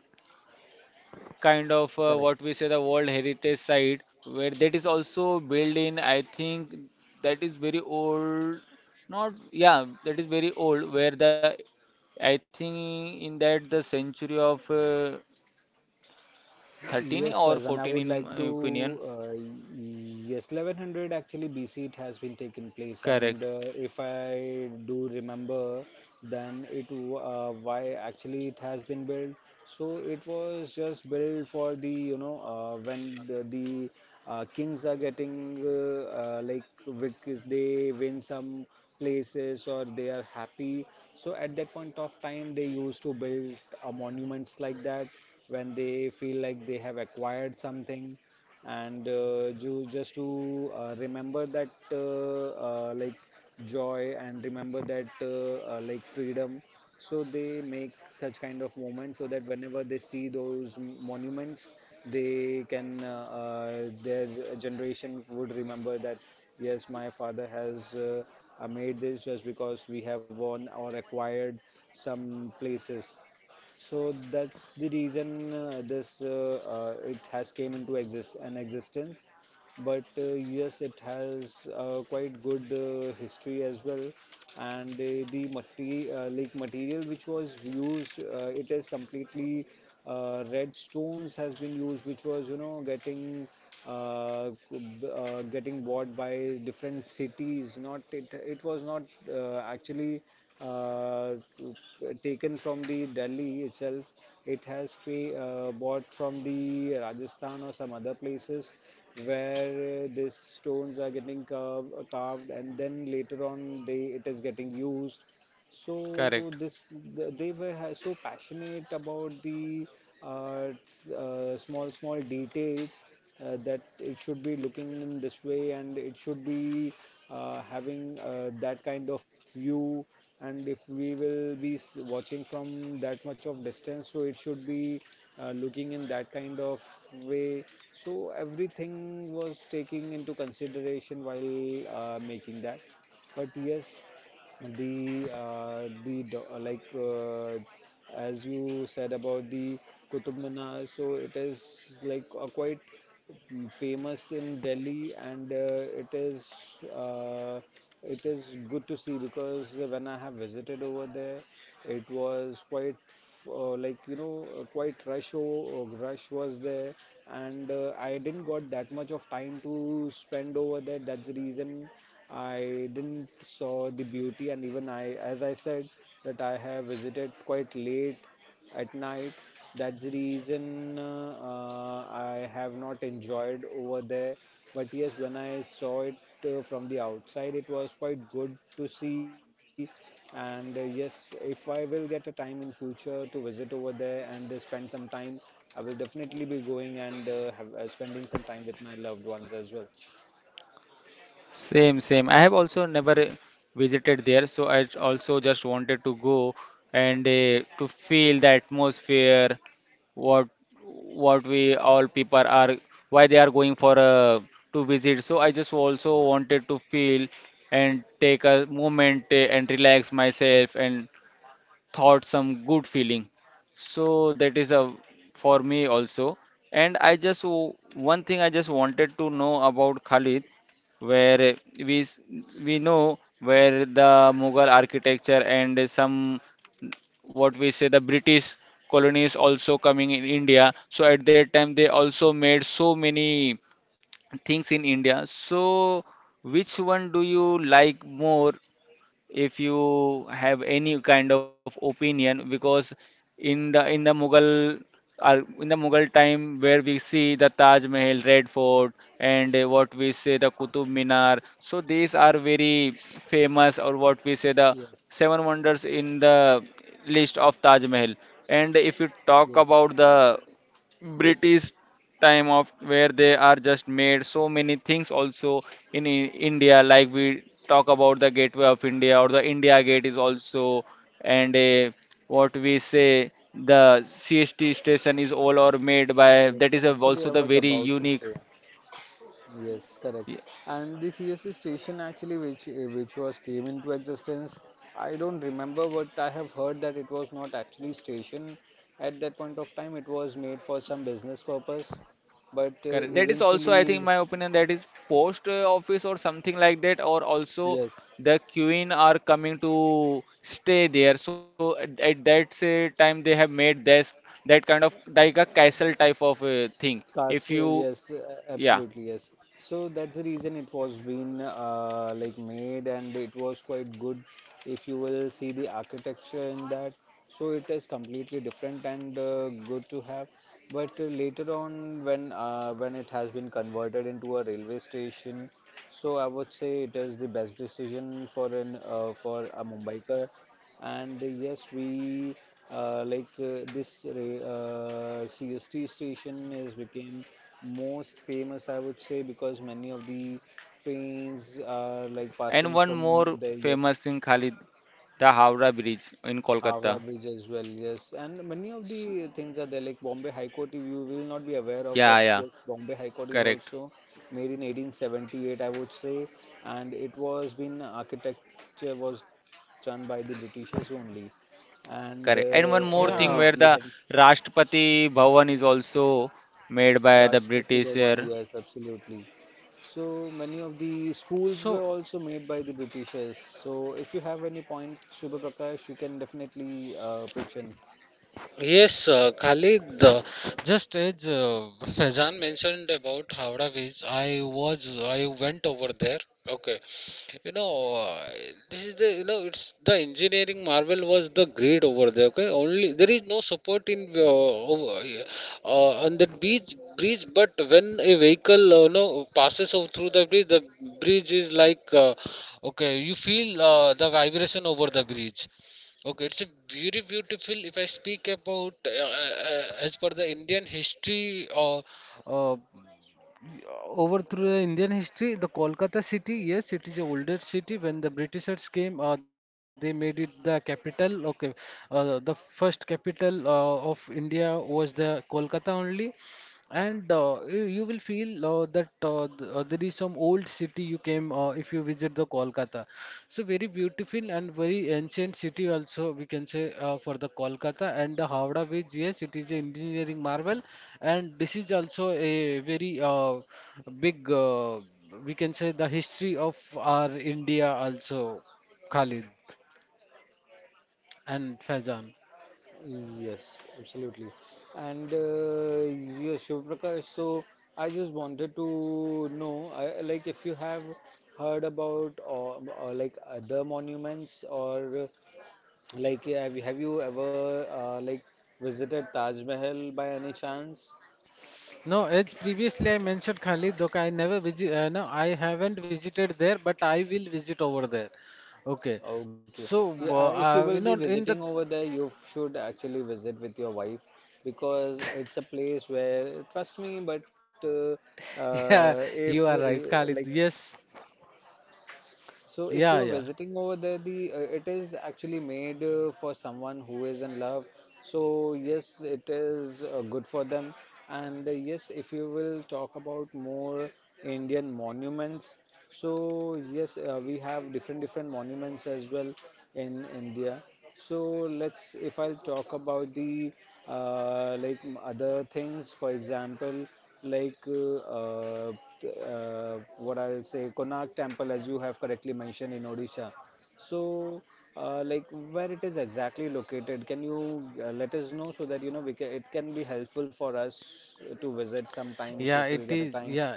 Speaker 1: kind of
Speaker 2: Correct.
Speaker 1: what we say, the World Heritage Site, where that is also built in. I think that is very old. Not yeah, that is very old. Where the, I think in that the century of 13 or
Speaker 2: Yes, Faizan,
Speaker 1: 14
Speaker 2: I
Speaker 1: in
Speaker 2: would like
Speaker 1: my
Speaker 2: to.
Speaker 1: opinion.
Speaker 2: Yes, 1100 actually BC it has been taken place,
Speaker 1: Correct,
Speaker 2: and if I do remember, then why actually it has been built. So it was just built for the you know when the kings are getting they win some places or they are happy. So at that point of time, they used to build monuments like that when they feel like they have acquired something, and just to remember that joy and remember that freedom. So they make such kind of moment so that whenever they see those monuments, they can their generation would remember that yes, my father has made this just because we have won or acquired some places. So that's the reason this it has came into exist an existence. But yes, it has quite good history as well, and the mati like material which was used, it is completely red stones has been used, which was you know getting uh, co- getting bought by different cities. Not it, it was not actually uh, taken from the Delhi itself. It has bought from the Rajasthan or some other places where these stones are getting carved, and then later on they it is getting used. So
Speaker 1: correct.
Speaker 2: they were so passionate about the small small details that it should be looking in this way, and it should be having that kind of view, and if we will be watching from that much of distance, so it should be looking in that kind of way. So everything was taking into consideration while making that. But yes, the as you said about the Qutub Minar, so it is like a quite famous in Delhi, and uh, it is good to see, because when I have visited over there, it was quite f- like you know quite rush rush was there, and I didn't got that much of time to spend over there. That's the reason I didn't saw the beauty, and even I, as I said, that I have visited quite late at night. That's the reason I have not enjoyed over there. But yes, when I saw it from the outside, it was quite good to see. And yes, if I will get a time in future to visit over there and spend some time, I will definitely be going and spending some time with my loved ones as well.
Speaker 1: Same, same. I have also never visited there, so I also just wanted to go and to feel the atmosphere, what what we all people are, why they are going for to visit. So I just also wanted to feel and take a moment and relax myself and thought some good feeling. So that is a for me also, and one thing I just wanted to know about, Khalid, where we s- we know where the Mughal architecture and some, what we say, the British colonies also coming in India. So at that time they also made so many things in India. So which one do you like more, if you have any kind of opinion? Because in the Mughal, in the Mughal time, where we see the Taj Mahal, Red Fort, and what we say, the Qutub Minar. So these are very famous, or what we say, the
Speaker 2: Yes,
Speaker 1: seven wonders in the list of Taj Mahal. And if you talk
Speaker 2: yes.
Speaker 1: about the British time, of where they are just made so many things also in, India, like we talk about the Gateway of India or the India Gate is also, and a, what we say, the CST station is all or made by, that
Speaker 2: Yes,
Speaker 1: is a,
Speaker 2: actually, I
Speaker 1: also the
Speaker 2: was
Speaker 1: very
Speaker 2: about to
Speaker 1: unique.
Speaker 2: say yes, correct. And the CSC station actually, which was came into existence, I don't remember, but I have heard that it was not actually station at that point of time. It was made for some business purpose, but
Speaker 1: Correct. That is also, I
Speaker 2: eventually,
Speaker 1: think, my opinion. That is post office or something like that, or also
Speaker 2: yes.
Speaker 1: the queen are coming to stay there. So at that say time, they have made this that kind of like a castle type of thing. If
Speaker 2: Castle,
Speaker 1: you,
Speaker 2: yes,
Speaker 1: yeah.
Speaker 2: absolutely, yes. So that's the reason it was been made, and it was quite good. If you will see the architecture in that, so it is completely different and good to have. But later on, when it has been converted into a railway station, so I would say it is the best decision for an for a Mumbaiker. And yes, we CST station is became most famous, I would say, because many of the trains are like
Speaker 1: And
Speaker 2: passing
Speaker 1: one
Speaker 2: from
Speaker 1: more
Speaker 2: there. Yes.
Speaker 1: famous thing, Khalid, the Howrah Bridge in
Speaker 2: Howrah
Speaker 1: Kolkata.
Speaker 2: Bridge as well. Yes, and many of
Speaker 1: S-
Speaker 2: the things are there. Like Bombay High Court, you will not be aware of, but
Speaker 1: Yeah, yeah,
Speaker 2: yes, Bombay High Court is also
Speaker 1: correct,
Speaker 2: made in 1878, I would say, and it was been architecture was done by the Britishers only. And
Speaker 1: correct. And
Speaker 3: Yeah.
Speaker 1: one
Speaker 2: or
Speaker 1: more
Speaker 2: like
Speaker 1: thing,
Speaker 2: you
Speaker 1: where
Speaker 2: have
Speaker 1: the Rashtrapati Bhavan is also made by the
Speaker 2: Rashtrapati
Speaker 1: British
Speaker 2: Bhavan,
Speaker 1: here.
Speaker 2: yes, absolutely. So many of the schools
Speaker 3: So.
Speaker 2: were also made by the Britishers. So if you have any point, Shubha Prakash, you can definitely pitch in.
Speaker 3: Yes, Khalid, just as Faizan mentioned about Howrah Beach, I went over there. Okay, you know, this is the, you know, it's the engineering marvel was the great over there. Okay, only there is no support on the beach bridge, but when a vehicle, you know, passes over through the bridge is like, okay, you feel the vibration over the bridge. Okay, it's a very beautiful. If I speak about as per the Indian history, uh, over through the Indian history, the Kolkata city, yes, it is the older city. When the Britishers came, they made it the capital. Okay, the first capital of India was the Kolkata only. And You will feel that there is some old city you came if you visit the Kolkata. So very beautiful and very ancient city also we can say for the Kolkata and the Howrah Bridge. Yes, it is an engineering marvel, and this is also a very big we can say the history of our India also, Khalid and Faizan.
Speaker 2: Yes, absolutely. And uh, yes, Shubha Prakash, so I just wanted to know, like, if you have heard about, or like, other monuments, or like, have you, have you ever visited Taj Mahal by any chance?
Speaker 3: No, as previously I mentioned Khalid, though I never visit. No, I haven't visited there, but I will visit over there. Okay,
Speaker 2: Okay. Yeah,
Speaker 3: so
Speaker 2: if you will be
Speaker 3: you know
Speaker 2: visiting
Speaker 3: in the
Speaker 2: over there, you should actually visit with your wife because it's a place where, trust me, but
Speaker 3: (laughs) yeah,
Speaker 2: if
Speaker 3: you are right,
Speaker 2: like,
Speaker 3: Khalid. Yes,
Speaker 2: so if you are
Speaker 3: yeah, yeah.
Speaker 2: visiting over there, the it is actually made for someone who is in love. So yes, it is good for them. And yes, if you will talk about more Indian monuments, so yes, we have different different monuments as well in India. So let's, if I'll talk about the other things, for example, like uh, uh, what I'll say, Konark Temple, as you have correctly mentioned in Odisha. So, like, where it is exactly located, can you let us know, so that you know, we can, it can be helpful for us to visit sometimes
Speaker 3: Yeah,
Speaker 2: if we'll
Speaker 3: it
Speaker 2: get a
Speaker 3: is.
Speaker 2: time.
Speaker 3: Yeah,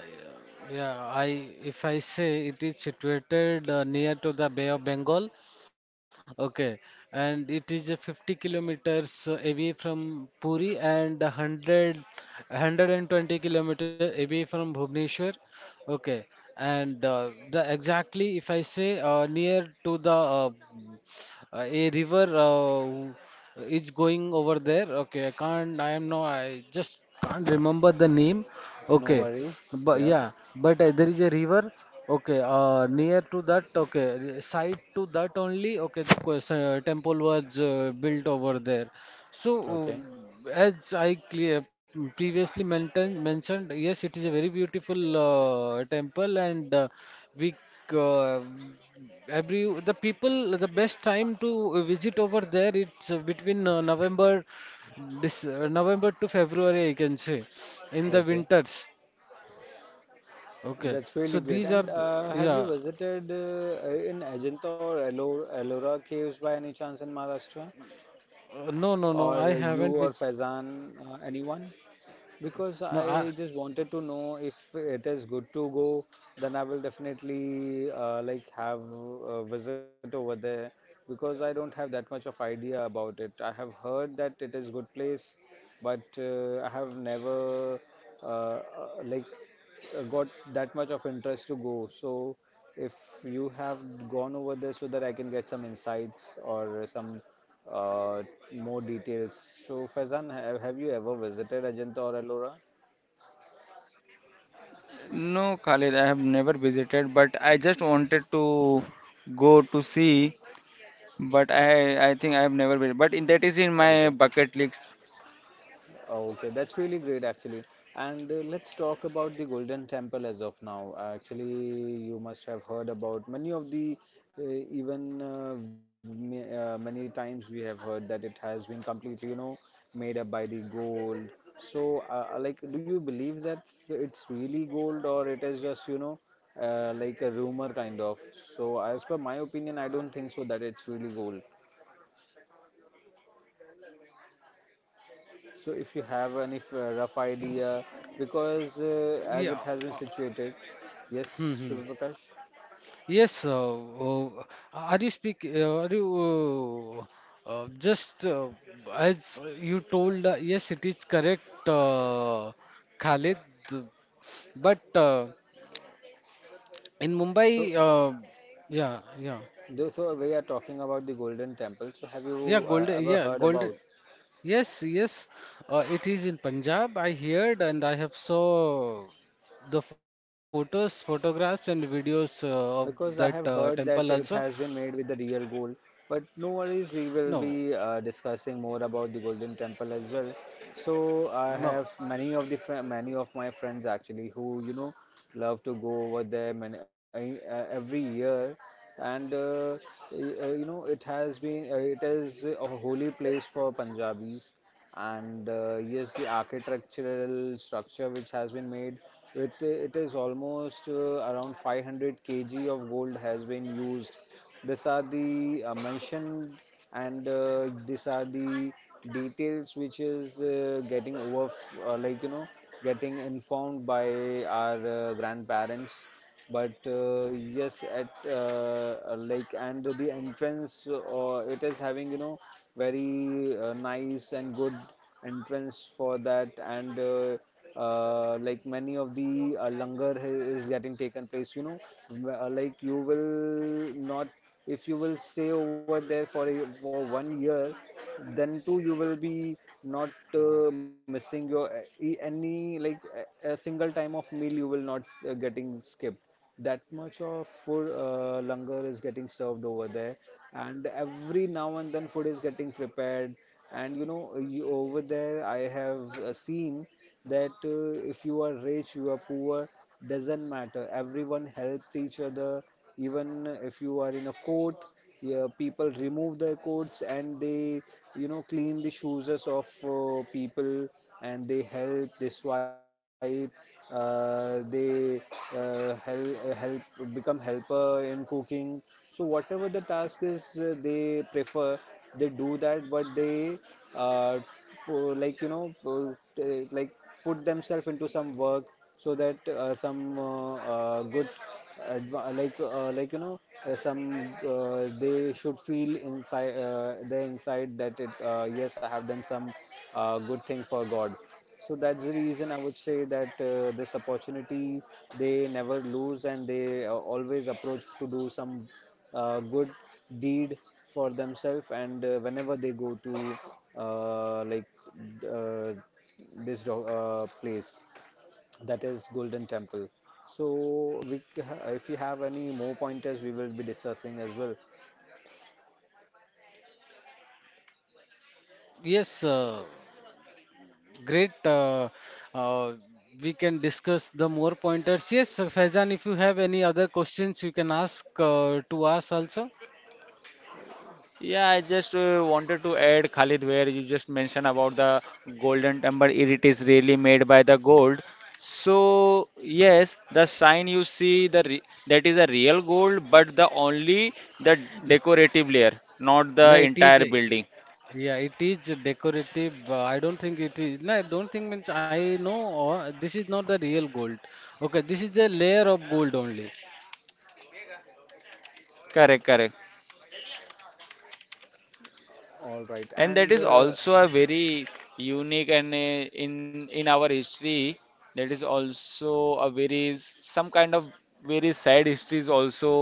Speaker 3: yeah. I if I say it is situated near to the Bay of Bengal, okay, and it is 50 kilometers away from Puri and 100 kilometers away from Bhubaneswar, okay, and the exactly if I say near to the a river is going over there. Okay, I can't. I am no. I just can't remember the name.
Speaker 2: No
Speaker 3: Okay,
Speaker 2: worries.
Speaker 3: but
Speaker 2: Yeah.
Speaker 3: yeah, but there is a river. Okay, near to that. Okay, side to that only. Okay, the temple was built over there. So,
Speaker 2: Okay.
Speaker 3: as I clear, previously mentioned, yes, it is a very beautiful temple, and we c- uh, every the people the best time to visit over there. It's between November, this November to February, I can say. In the
Speaker 2: Okay,
Speaker 3: winters. Okay.
Speaker 2: that's
Speaker 3: So
Speaker 2: really great.
Speaker 3: these are
Speaker 2: And
Speaker 3: the,
Speaker 2: have you
Speaker 3: yeah.
Speaker 2: visited in Ajanta or Ellora, Ellora caves by any chance in Maharashtra?
Speaker 3: No, no, no. I
Speaker 2: Or you
Speaker 3: haven't
Speaker 2: or
Speaker 3: with.
Speaker 2: Faizan, anyone? Because
Speaker 3: No, I
Speaker 2: I just wanted to know if it is good to go, then I will definitely like, have a visit over there, because I don't have that much of idea about it. I have heard that it is good place, but I have never uh, uh, like, got that much of interest to go. So if you have gone over there, so that I can get some insights or some uh, more details. So, Faizan, have you ever visited Ajanta or Ellora?
Speaker 1: No, Khalid, I have never visited, but I just wanted to go to see. But I think I have never visited. But in, that is in
Speaker 2: Okay.
Speaker 1: my bucket list.
Speaker 2: Okay, that's really great actually. And let's talk about the Golden Temple as of now. Actually, you must have heard about many of the uh, many times we have heard that it has been completely, you know, made up by the gold. So, like, do you believe that it's really gold, or it is just, you know, like a rumor kind of? So, as per my opinion, I don't think so that it's really gold. So if you have any rough idea, because as it
Speaker 3: yeah.
Speaker 2: has been
Speaker 3: Uh,
Speaker 2: situated,
Speaker 3: hmm,
Speaker 2: yes,
Speaker 3: hmm.
Speaker 2: Shubha Prakash.
Speaker 3: Yes. Are you speak? Are you just as you told? Yes, it is correct, Khalid. But in
Speaker 2: So,
Speaker 3: Mumbai, yeah, yeah,
Speaker 2: so we are talking about the Golden Temple. So have
Speaker 3: yeah.
Speaker 2: you
Speaker 3: Golden,
Speaker 2: ever
Speaker 3: yeah,
Speaker 2: heard
Speaker 3: golden.
Speaker 2: about?
Speaker 3: Yes, yes, it is in Punjab. I heard and I have saw the photographs and videos of
Speaker 2: Because I
Speaker 3: that
Speaker 2: have heard that
Speaker 3: temple
Speaker 2: it
Speaker 3: also.
Speaker 2: has been made with the real gold. But no worries, we will
Speaker 3: No,
Speaker 2: be discussing more about the Golden Temple as well. So
Speaker 3: no.
Speaker 2: I have many of the fri many of my friends actually who, you know, love to go over there many, every year, and you know, it has been it is a holy place for Punjabis, and yes, the architectural structure which has been made, it is almost around 500 kg of gold has been used. These are the mentioned, and these are the details which is getting over, like, you know, getting informed by our grandparents. But yes, at like and the entrance, it is having, you know, very nice and good entrance for that. And like, many of the langar is getting taken place, you know. Like, you will not, if you will stay over there for for 1 year, then too, you will be not missing your any, like, a single time of meal, you will not getting skipped, that much of food, langar is getting served over there, and every now and then food is getting prepared. And you know, over there I have seen that if you are rich, you are poor, doesn't matter. Everyone helps each other. Even if you are in a court, yeah, people remove their coats, and they, you know, clean the shoes of people, and they help, they swipe, uh, they help, become helper in cooking. So whatever the task is, they prefer, they do that, but they uh, like, you know, like, put themselves into some work, so that some good, like, you know, some they should feel inside, their inside, that it, yes, I have done some good thing for God. So that's the reason I would say that this opportunity they never lose, and they always approach to do some good deed for themselves. And whenever they go to uh, like uh, place, that is Golden Temple. So we, if you have any more pointers, we will be discussing as well.
Speaker 3: Yes, great. Uh, we can discuss the more pointers. Yes, Faizan, if you have any other questions, you can ask to us also.
Speaker 1: Yeah, I just wanted to add, Khalid, where you just mentioned about the Golden Temple. It is really made by the gold. So yes, the sign you see the re, that is a real gold, but the only the decorative layer, not the
Speaker 3: No, it is.
Speaker 1: entire building.
Speaker 3: Yeah, it is decorative. I don't think it is. No, I don't think means I know. This is not the real gold. Okay, this is the layer of gold only.
Speaker 1: Correct, correct.
Speaker 2: All right.
Speaker 1: And that
Speaker 2: and
Speaker 1: is also a very unique, and a, in our history, that is also a very some kind of very sad history is also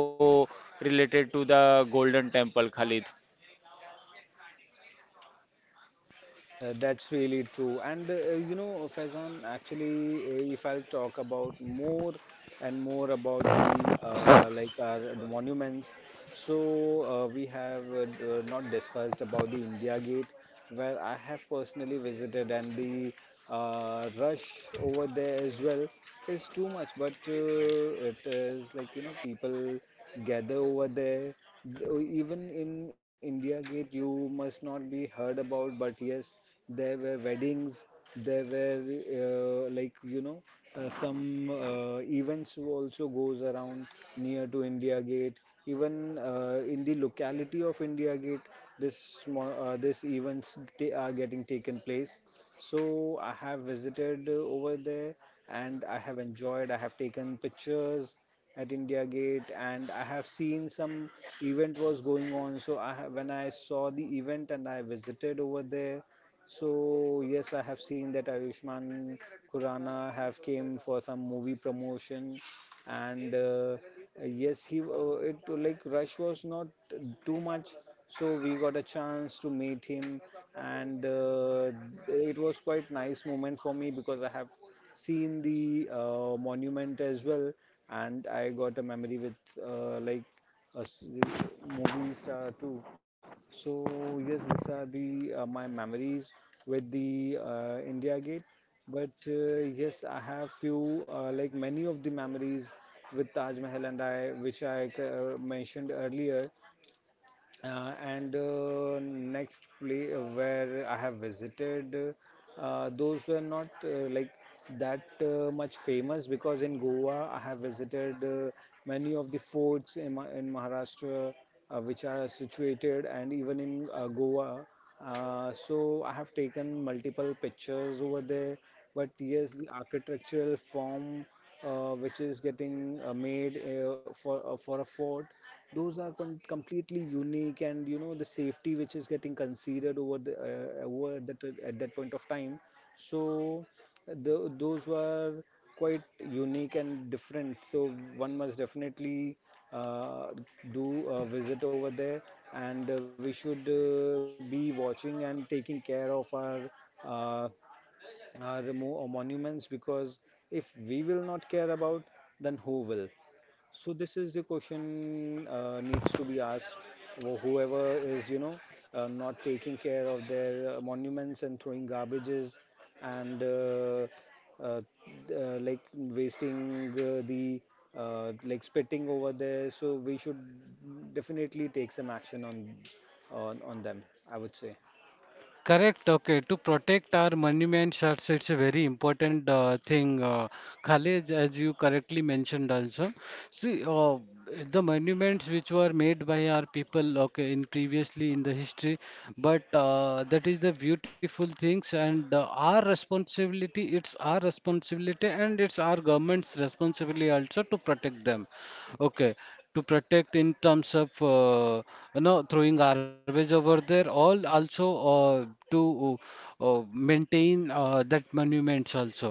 Speaker 1: related to the Golden Temple, Khalid.
Speaker 2: That's really true. And you know, Faizan, actually, if I'll talk about more and more about the like, our monuments, so we have not discussed about the India Gate, where I have personally visited, and the rush over there as well is too much. But it is, like, you know, people gather over there. Even in India Gate, you must not be heard about, but yes, there were weddings, there were like, you know, some events also goes around near to India Gate. Even in the locality of India Gate, this small, this events are getting taken place. So I have visited over there, and I have enjoyed. I have taken pictures at India Gate, and I have seen some event was going on. So I have, when I saw the event and I visited over there, so yes, I have seen that Ayushman Khurrana have came for some movie promotion, and yes, he it like, rush was not too much, so we got a chance to meet him, and it was quite nice moment for me, because I have seen the monument as well, and I got a memory with uh, like a s- movie star too. So yes, these are the my memories with the India Gate. But yes, I have few, like, many of the memories with Taj Mahal, and I, which I mentioned earlier. And next place where I have visited, those were not like, that much famous. Because in Goa, I have visited many of the forts in, in Maharashtra which are situated, and even in Goa. So I have taken multiple pictures over there, but yes, the architectural form which is getting made for a fort, those are completely unique. And you know, the safety which is getting considered over the over that at that point of time, so the, those were quite unique and different. So one must definitely uh, do a visit over there, and we should be watching and taking care of our uh, monuments, because if we will not care about, then who will? So this is the question needs to be asked. Whoever is, you know, not taking care of their monuments, and throwing garbages, and uh, like, wasting the, like, spitting over there. So we should definitely take some action on them. I would say.
Speaker 3: Correct. Okay. To protect our monuments, that's it's a very important thing. Khalid, as you correctly mentioned also, see, the monuments which were made by our people, okay, in previously in the history, but that is the beautiful things and our responsibility. It's our responsibility and it's our government's responsibility also to protect them. Okay, to protect in terms of you know throwing garbage over there, all also to maintain that monuments also.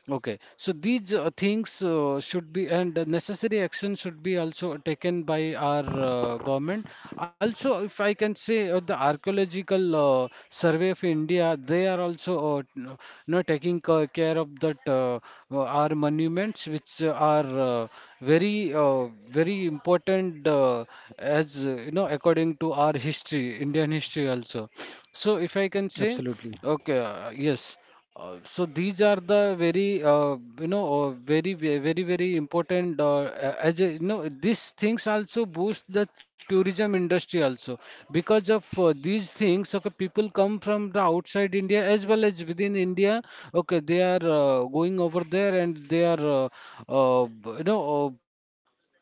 Speaker 3: Okay, so these things should be and necessary action should be also taken by our government. Also, if I can say, the archaeological survey of India, they are also you know, taking care of that our monuments, which are very very important as you know according to our history, Indian history also. So, if I can say,
Speaker 2: Absolutely
Speaker 3: okay, yes. So these are the very you know very very very important as a, you know these things also boost the tourism industry also because of these things, okay, people come from the outside India as well as within India, okay, they are going over there and they are you know uh,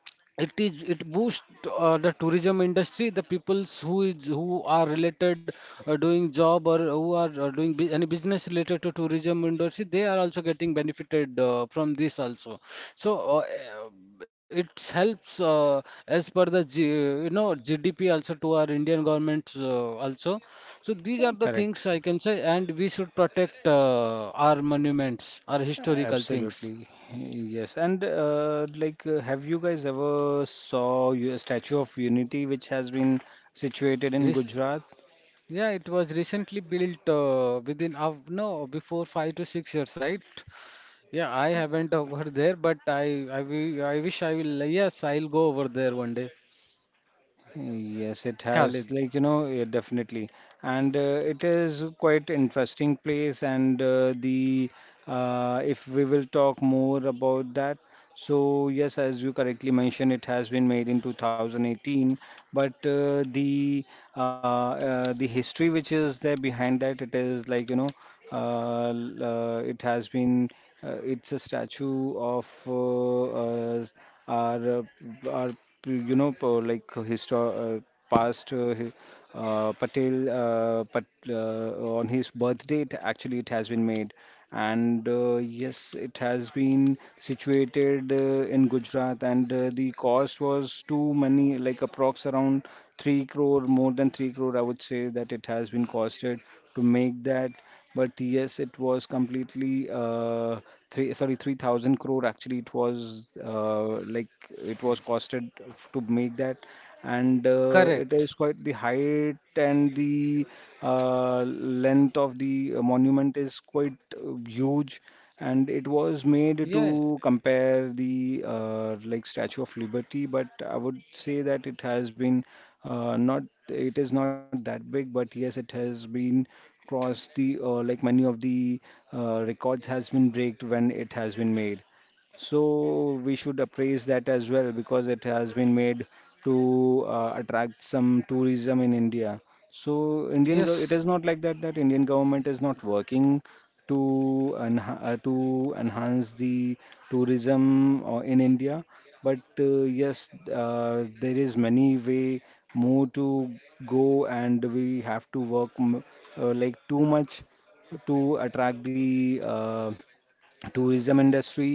Speaker 3: it is it boosts the tourism industry, the peoples who is who are related doing job or who are any business related to tourism industry, they are also getting benefited from this also. So it helps as per the you know, GDP also to our Indian government also. So these are the things
Speaker 2: correct.
Speaker 3: I can say, and we should protect our monuments, our historical things.
Speaker 2: Absolutely, yes. And like, have you guys ever saw a Statue of Unity, which has been situated in
Speaker 3: Yes.
Speaker 2: Gujarat?
Speaker 3: Yeah, it was recently built within of no before 5 to 6 years, right? Yeah, I haven't (laughs) over there, but will, I wish I will. Yes, I'll go over there one day.
Speaker 2: Yes, it has,
Speaker 3: Khalid,
Speaker 2: like, you know, yeah, definitely. And it is quite interesting place. And the if we will talk more about that. So yes, as you correctly mentioned, it has been made in 2018, but the history which is there behind that, it is like, you know, it has been it's a statue of our our, you know, po- like histo- past hi- Patel, on his birth date, actually it has been made. And yes, it has been situated in Gujarat, and the cost was too many, like, approx around three crore, more than three crore, I would say that it has been costed to make that. But yes, it was completely three, sorry, 3,000 crore. Actually, it was like, it was costed to make that. And it is
Speaker 3: correct.
Speaker 2: quite the height, and the length of the monument is quite huge. And it was made
Speaker 3: Yeah,
Speaker 2: to compare the like, Statue of Liberty, but I would say that it has been not, it is not that big, but yes, it has been crossed the, like, many of the records has been breaked when it has been made. So we should appraise that as well, because it has been made to attract some tourism in India. So it
Speaker 3: yes,
Speaker 2: is not like that, that Indian government is not working to to enhance the tourism in India. But yes, there is many way more to go, and we have to work m like, too much to attract the uh, tourism industry.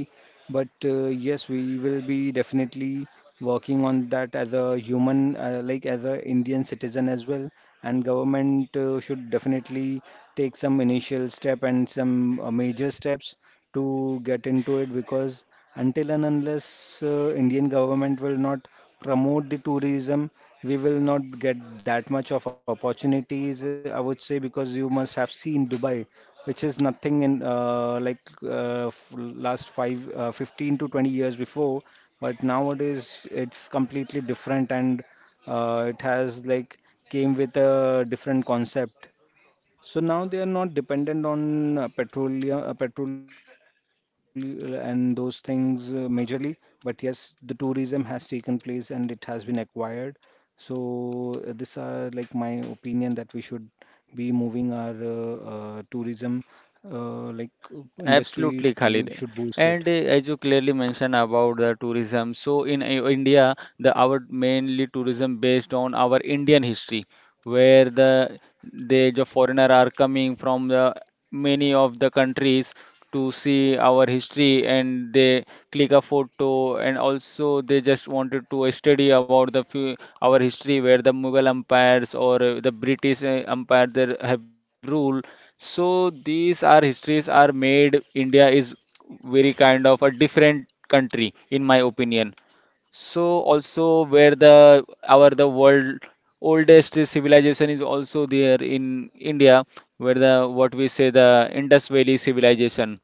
Speaker 2: But yes, we will be definitely working on that as a human, like, as a indian citizen as well. And government should definitely take some initial step and some major steps to get into it, because until and unless indian government will not promote the tourism, we will not get that much of opportunities, I would say, because you must have seen Dubai, which is nothing in last five, 15 to 20 years before. But nowadays, it's completely different, and it has like, came with a different concept. So now they are not dependent on petroleum, petrol, and those things majorly. But yes, the tourism has taken place, and it has been acquired. So these are like my opinion, that we should be moving our tourism, industry.
Speaker 1: Absolutely,
Speaker 2: You
Speaker 1: Khalid.
Speaker 2: should boost
Speaker 1: And
Speaker 2: it.
Speaker 1: as you clearly mentioned about the tourism, so in India, the our mainly tourism based on our Indian history, where the they the foreigner are coming from the many of the countries to see our history, and they click a photo, and also they just wanted to study about the few, our history, where the Mughal empires or the British empire there have ruled. So these are histories are made. India is very kind of a different country in my opinion. So also where the our the world oldest civilization is also there in India, where the, what we say, the Indus Valley civilization.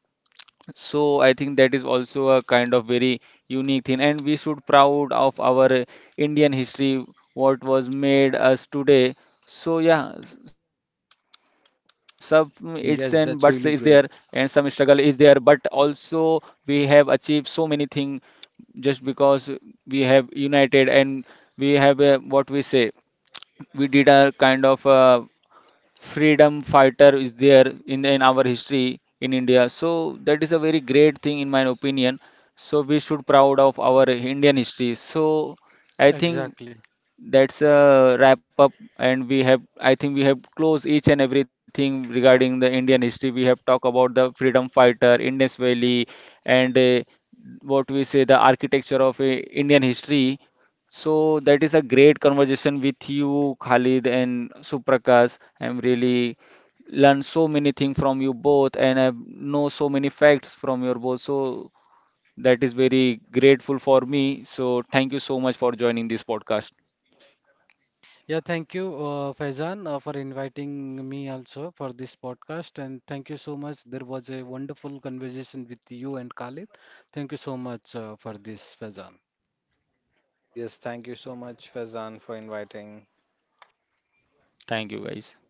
Speaker 1: So I think that is also a kind of very unique thing, and we should proud of our Indian history, what was made us today. So yeah, some its and buts is there, and
Speaker 2: Yes,
Speaker 1: some
Speaker 2: that's really
Speaker 1: struggle is
Speaker 2: great.
Speaker 1: there, but also we have achieved so many things just because we have united and we have what we say, we did a kind of freedom fighter is there in our history in India. So that is a very great thing in my opinion. So we should proud of our Indian history. So I think
Speaker 3: exactly.
Speaker 1: that's a wrap up, and we have, I think, we have closed each and everything regarding the Indian history. We have talked about the freedom fighter, Indus Valley, and what we say, the architecture of Indian history. So that is a great conversation with you, Khalid and Suprakash. I'm really learned so many things from you both, and I know so many facts from your both. So that is very grateful for me. So thank you so much for joining this podcast.
Speaker 3: Yeah, thank you, Faizan, for inviting me also for this podcast, and thank you so much. There was a wonderful conversation with you and Khalid. Thank you so much for this, Faizan.
Speaker 2: Yes, thank you so much, Fazan, for inviting.
Speaker 1: Thank you, guys.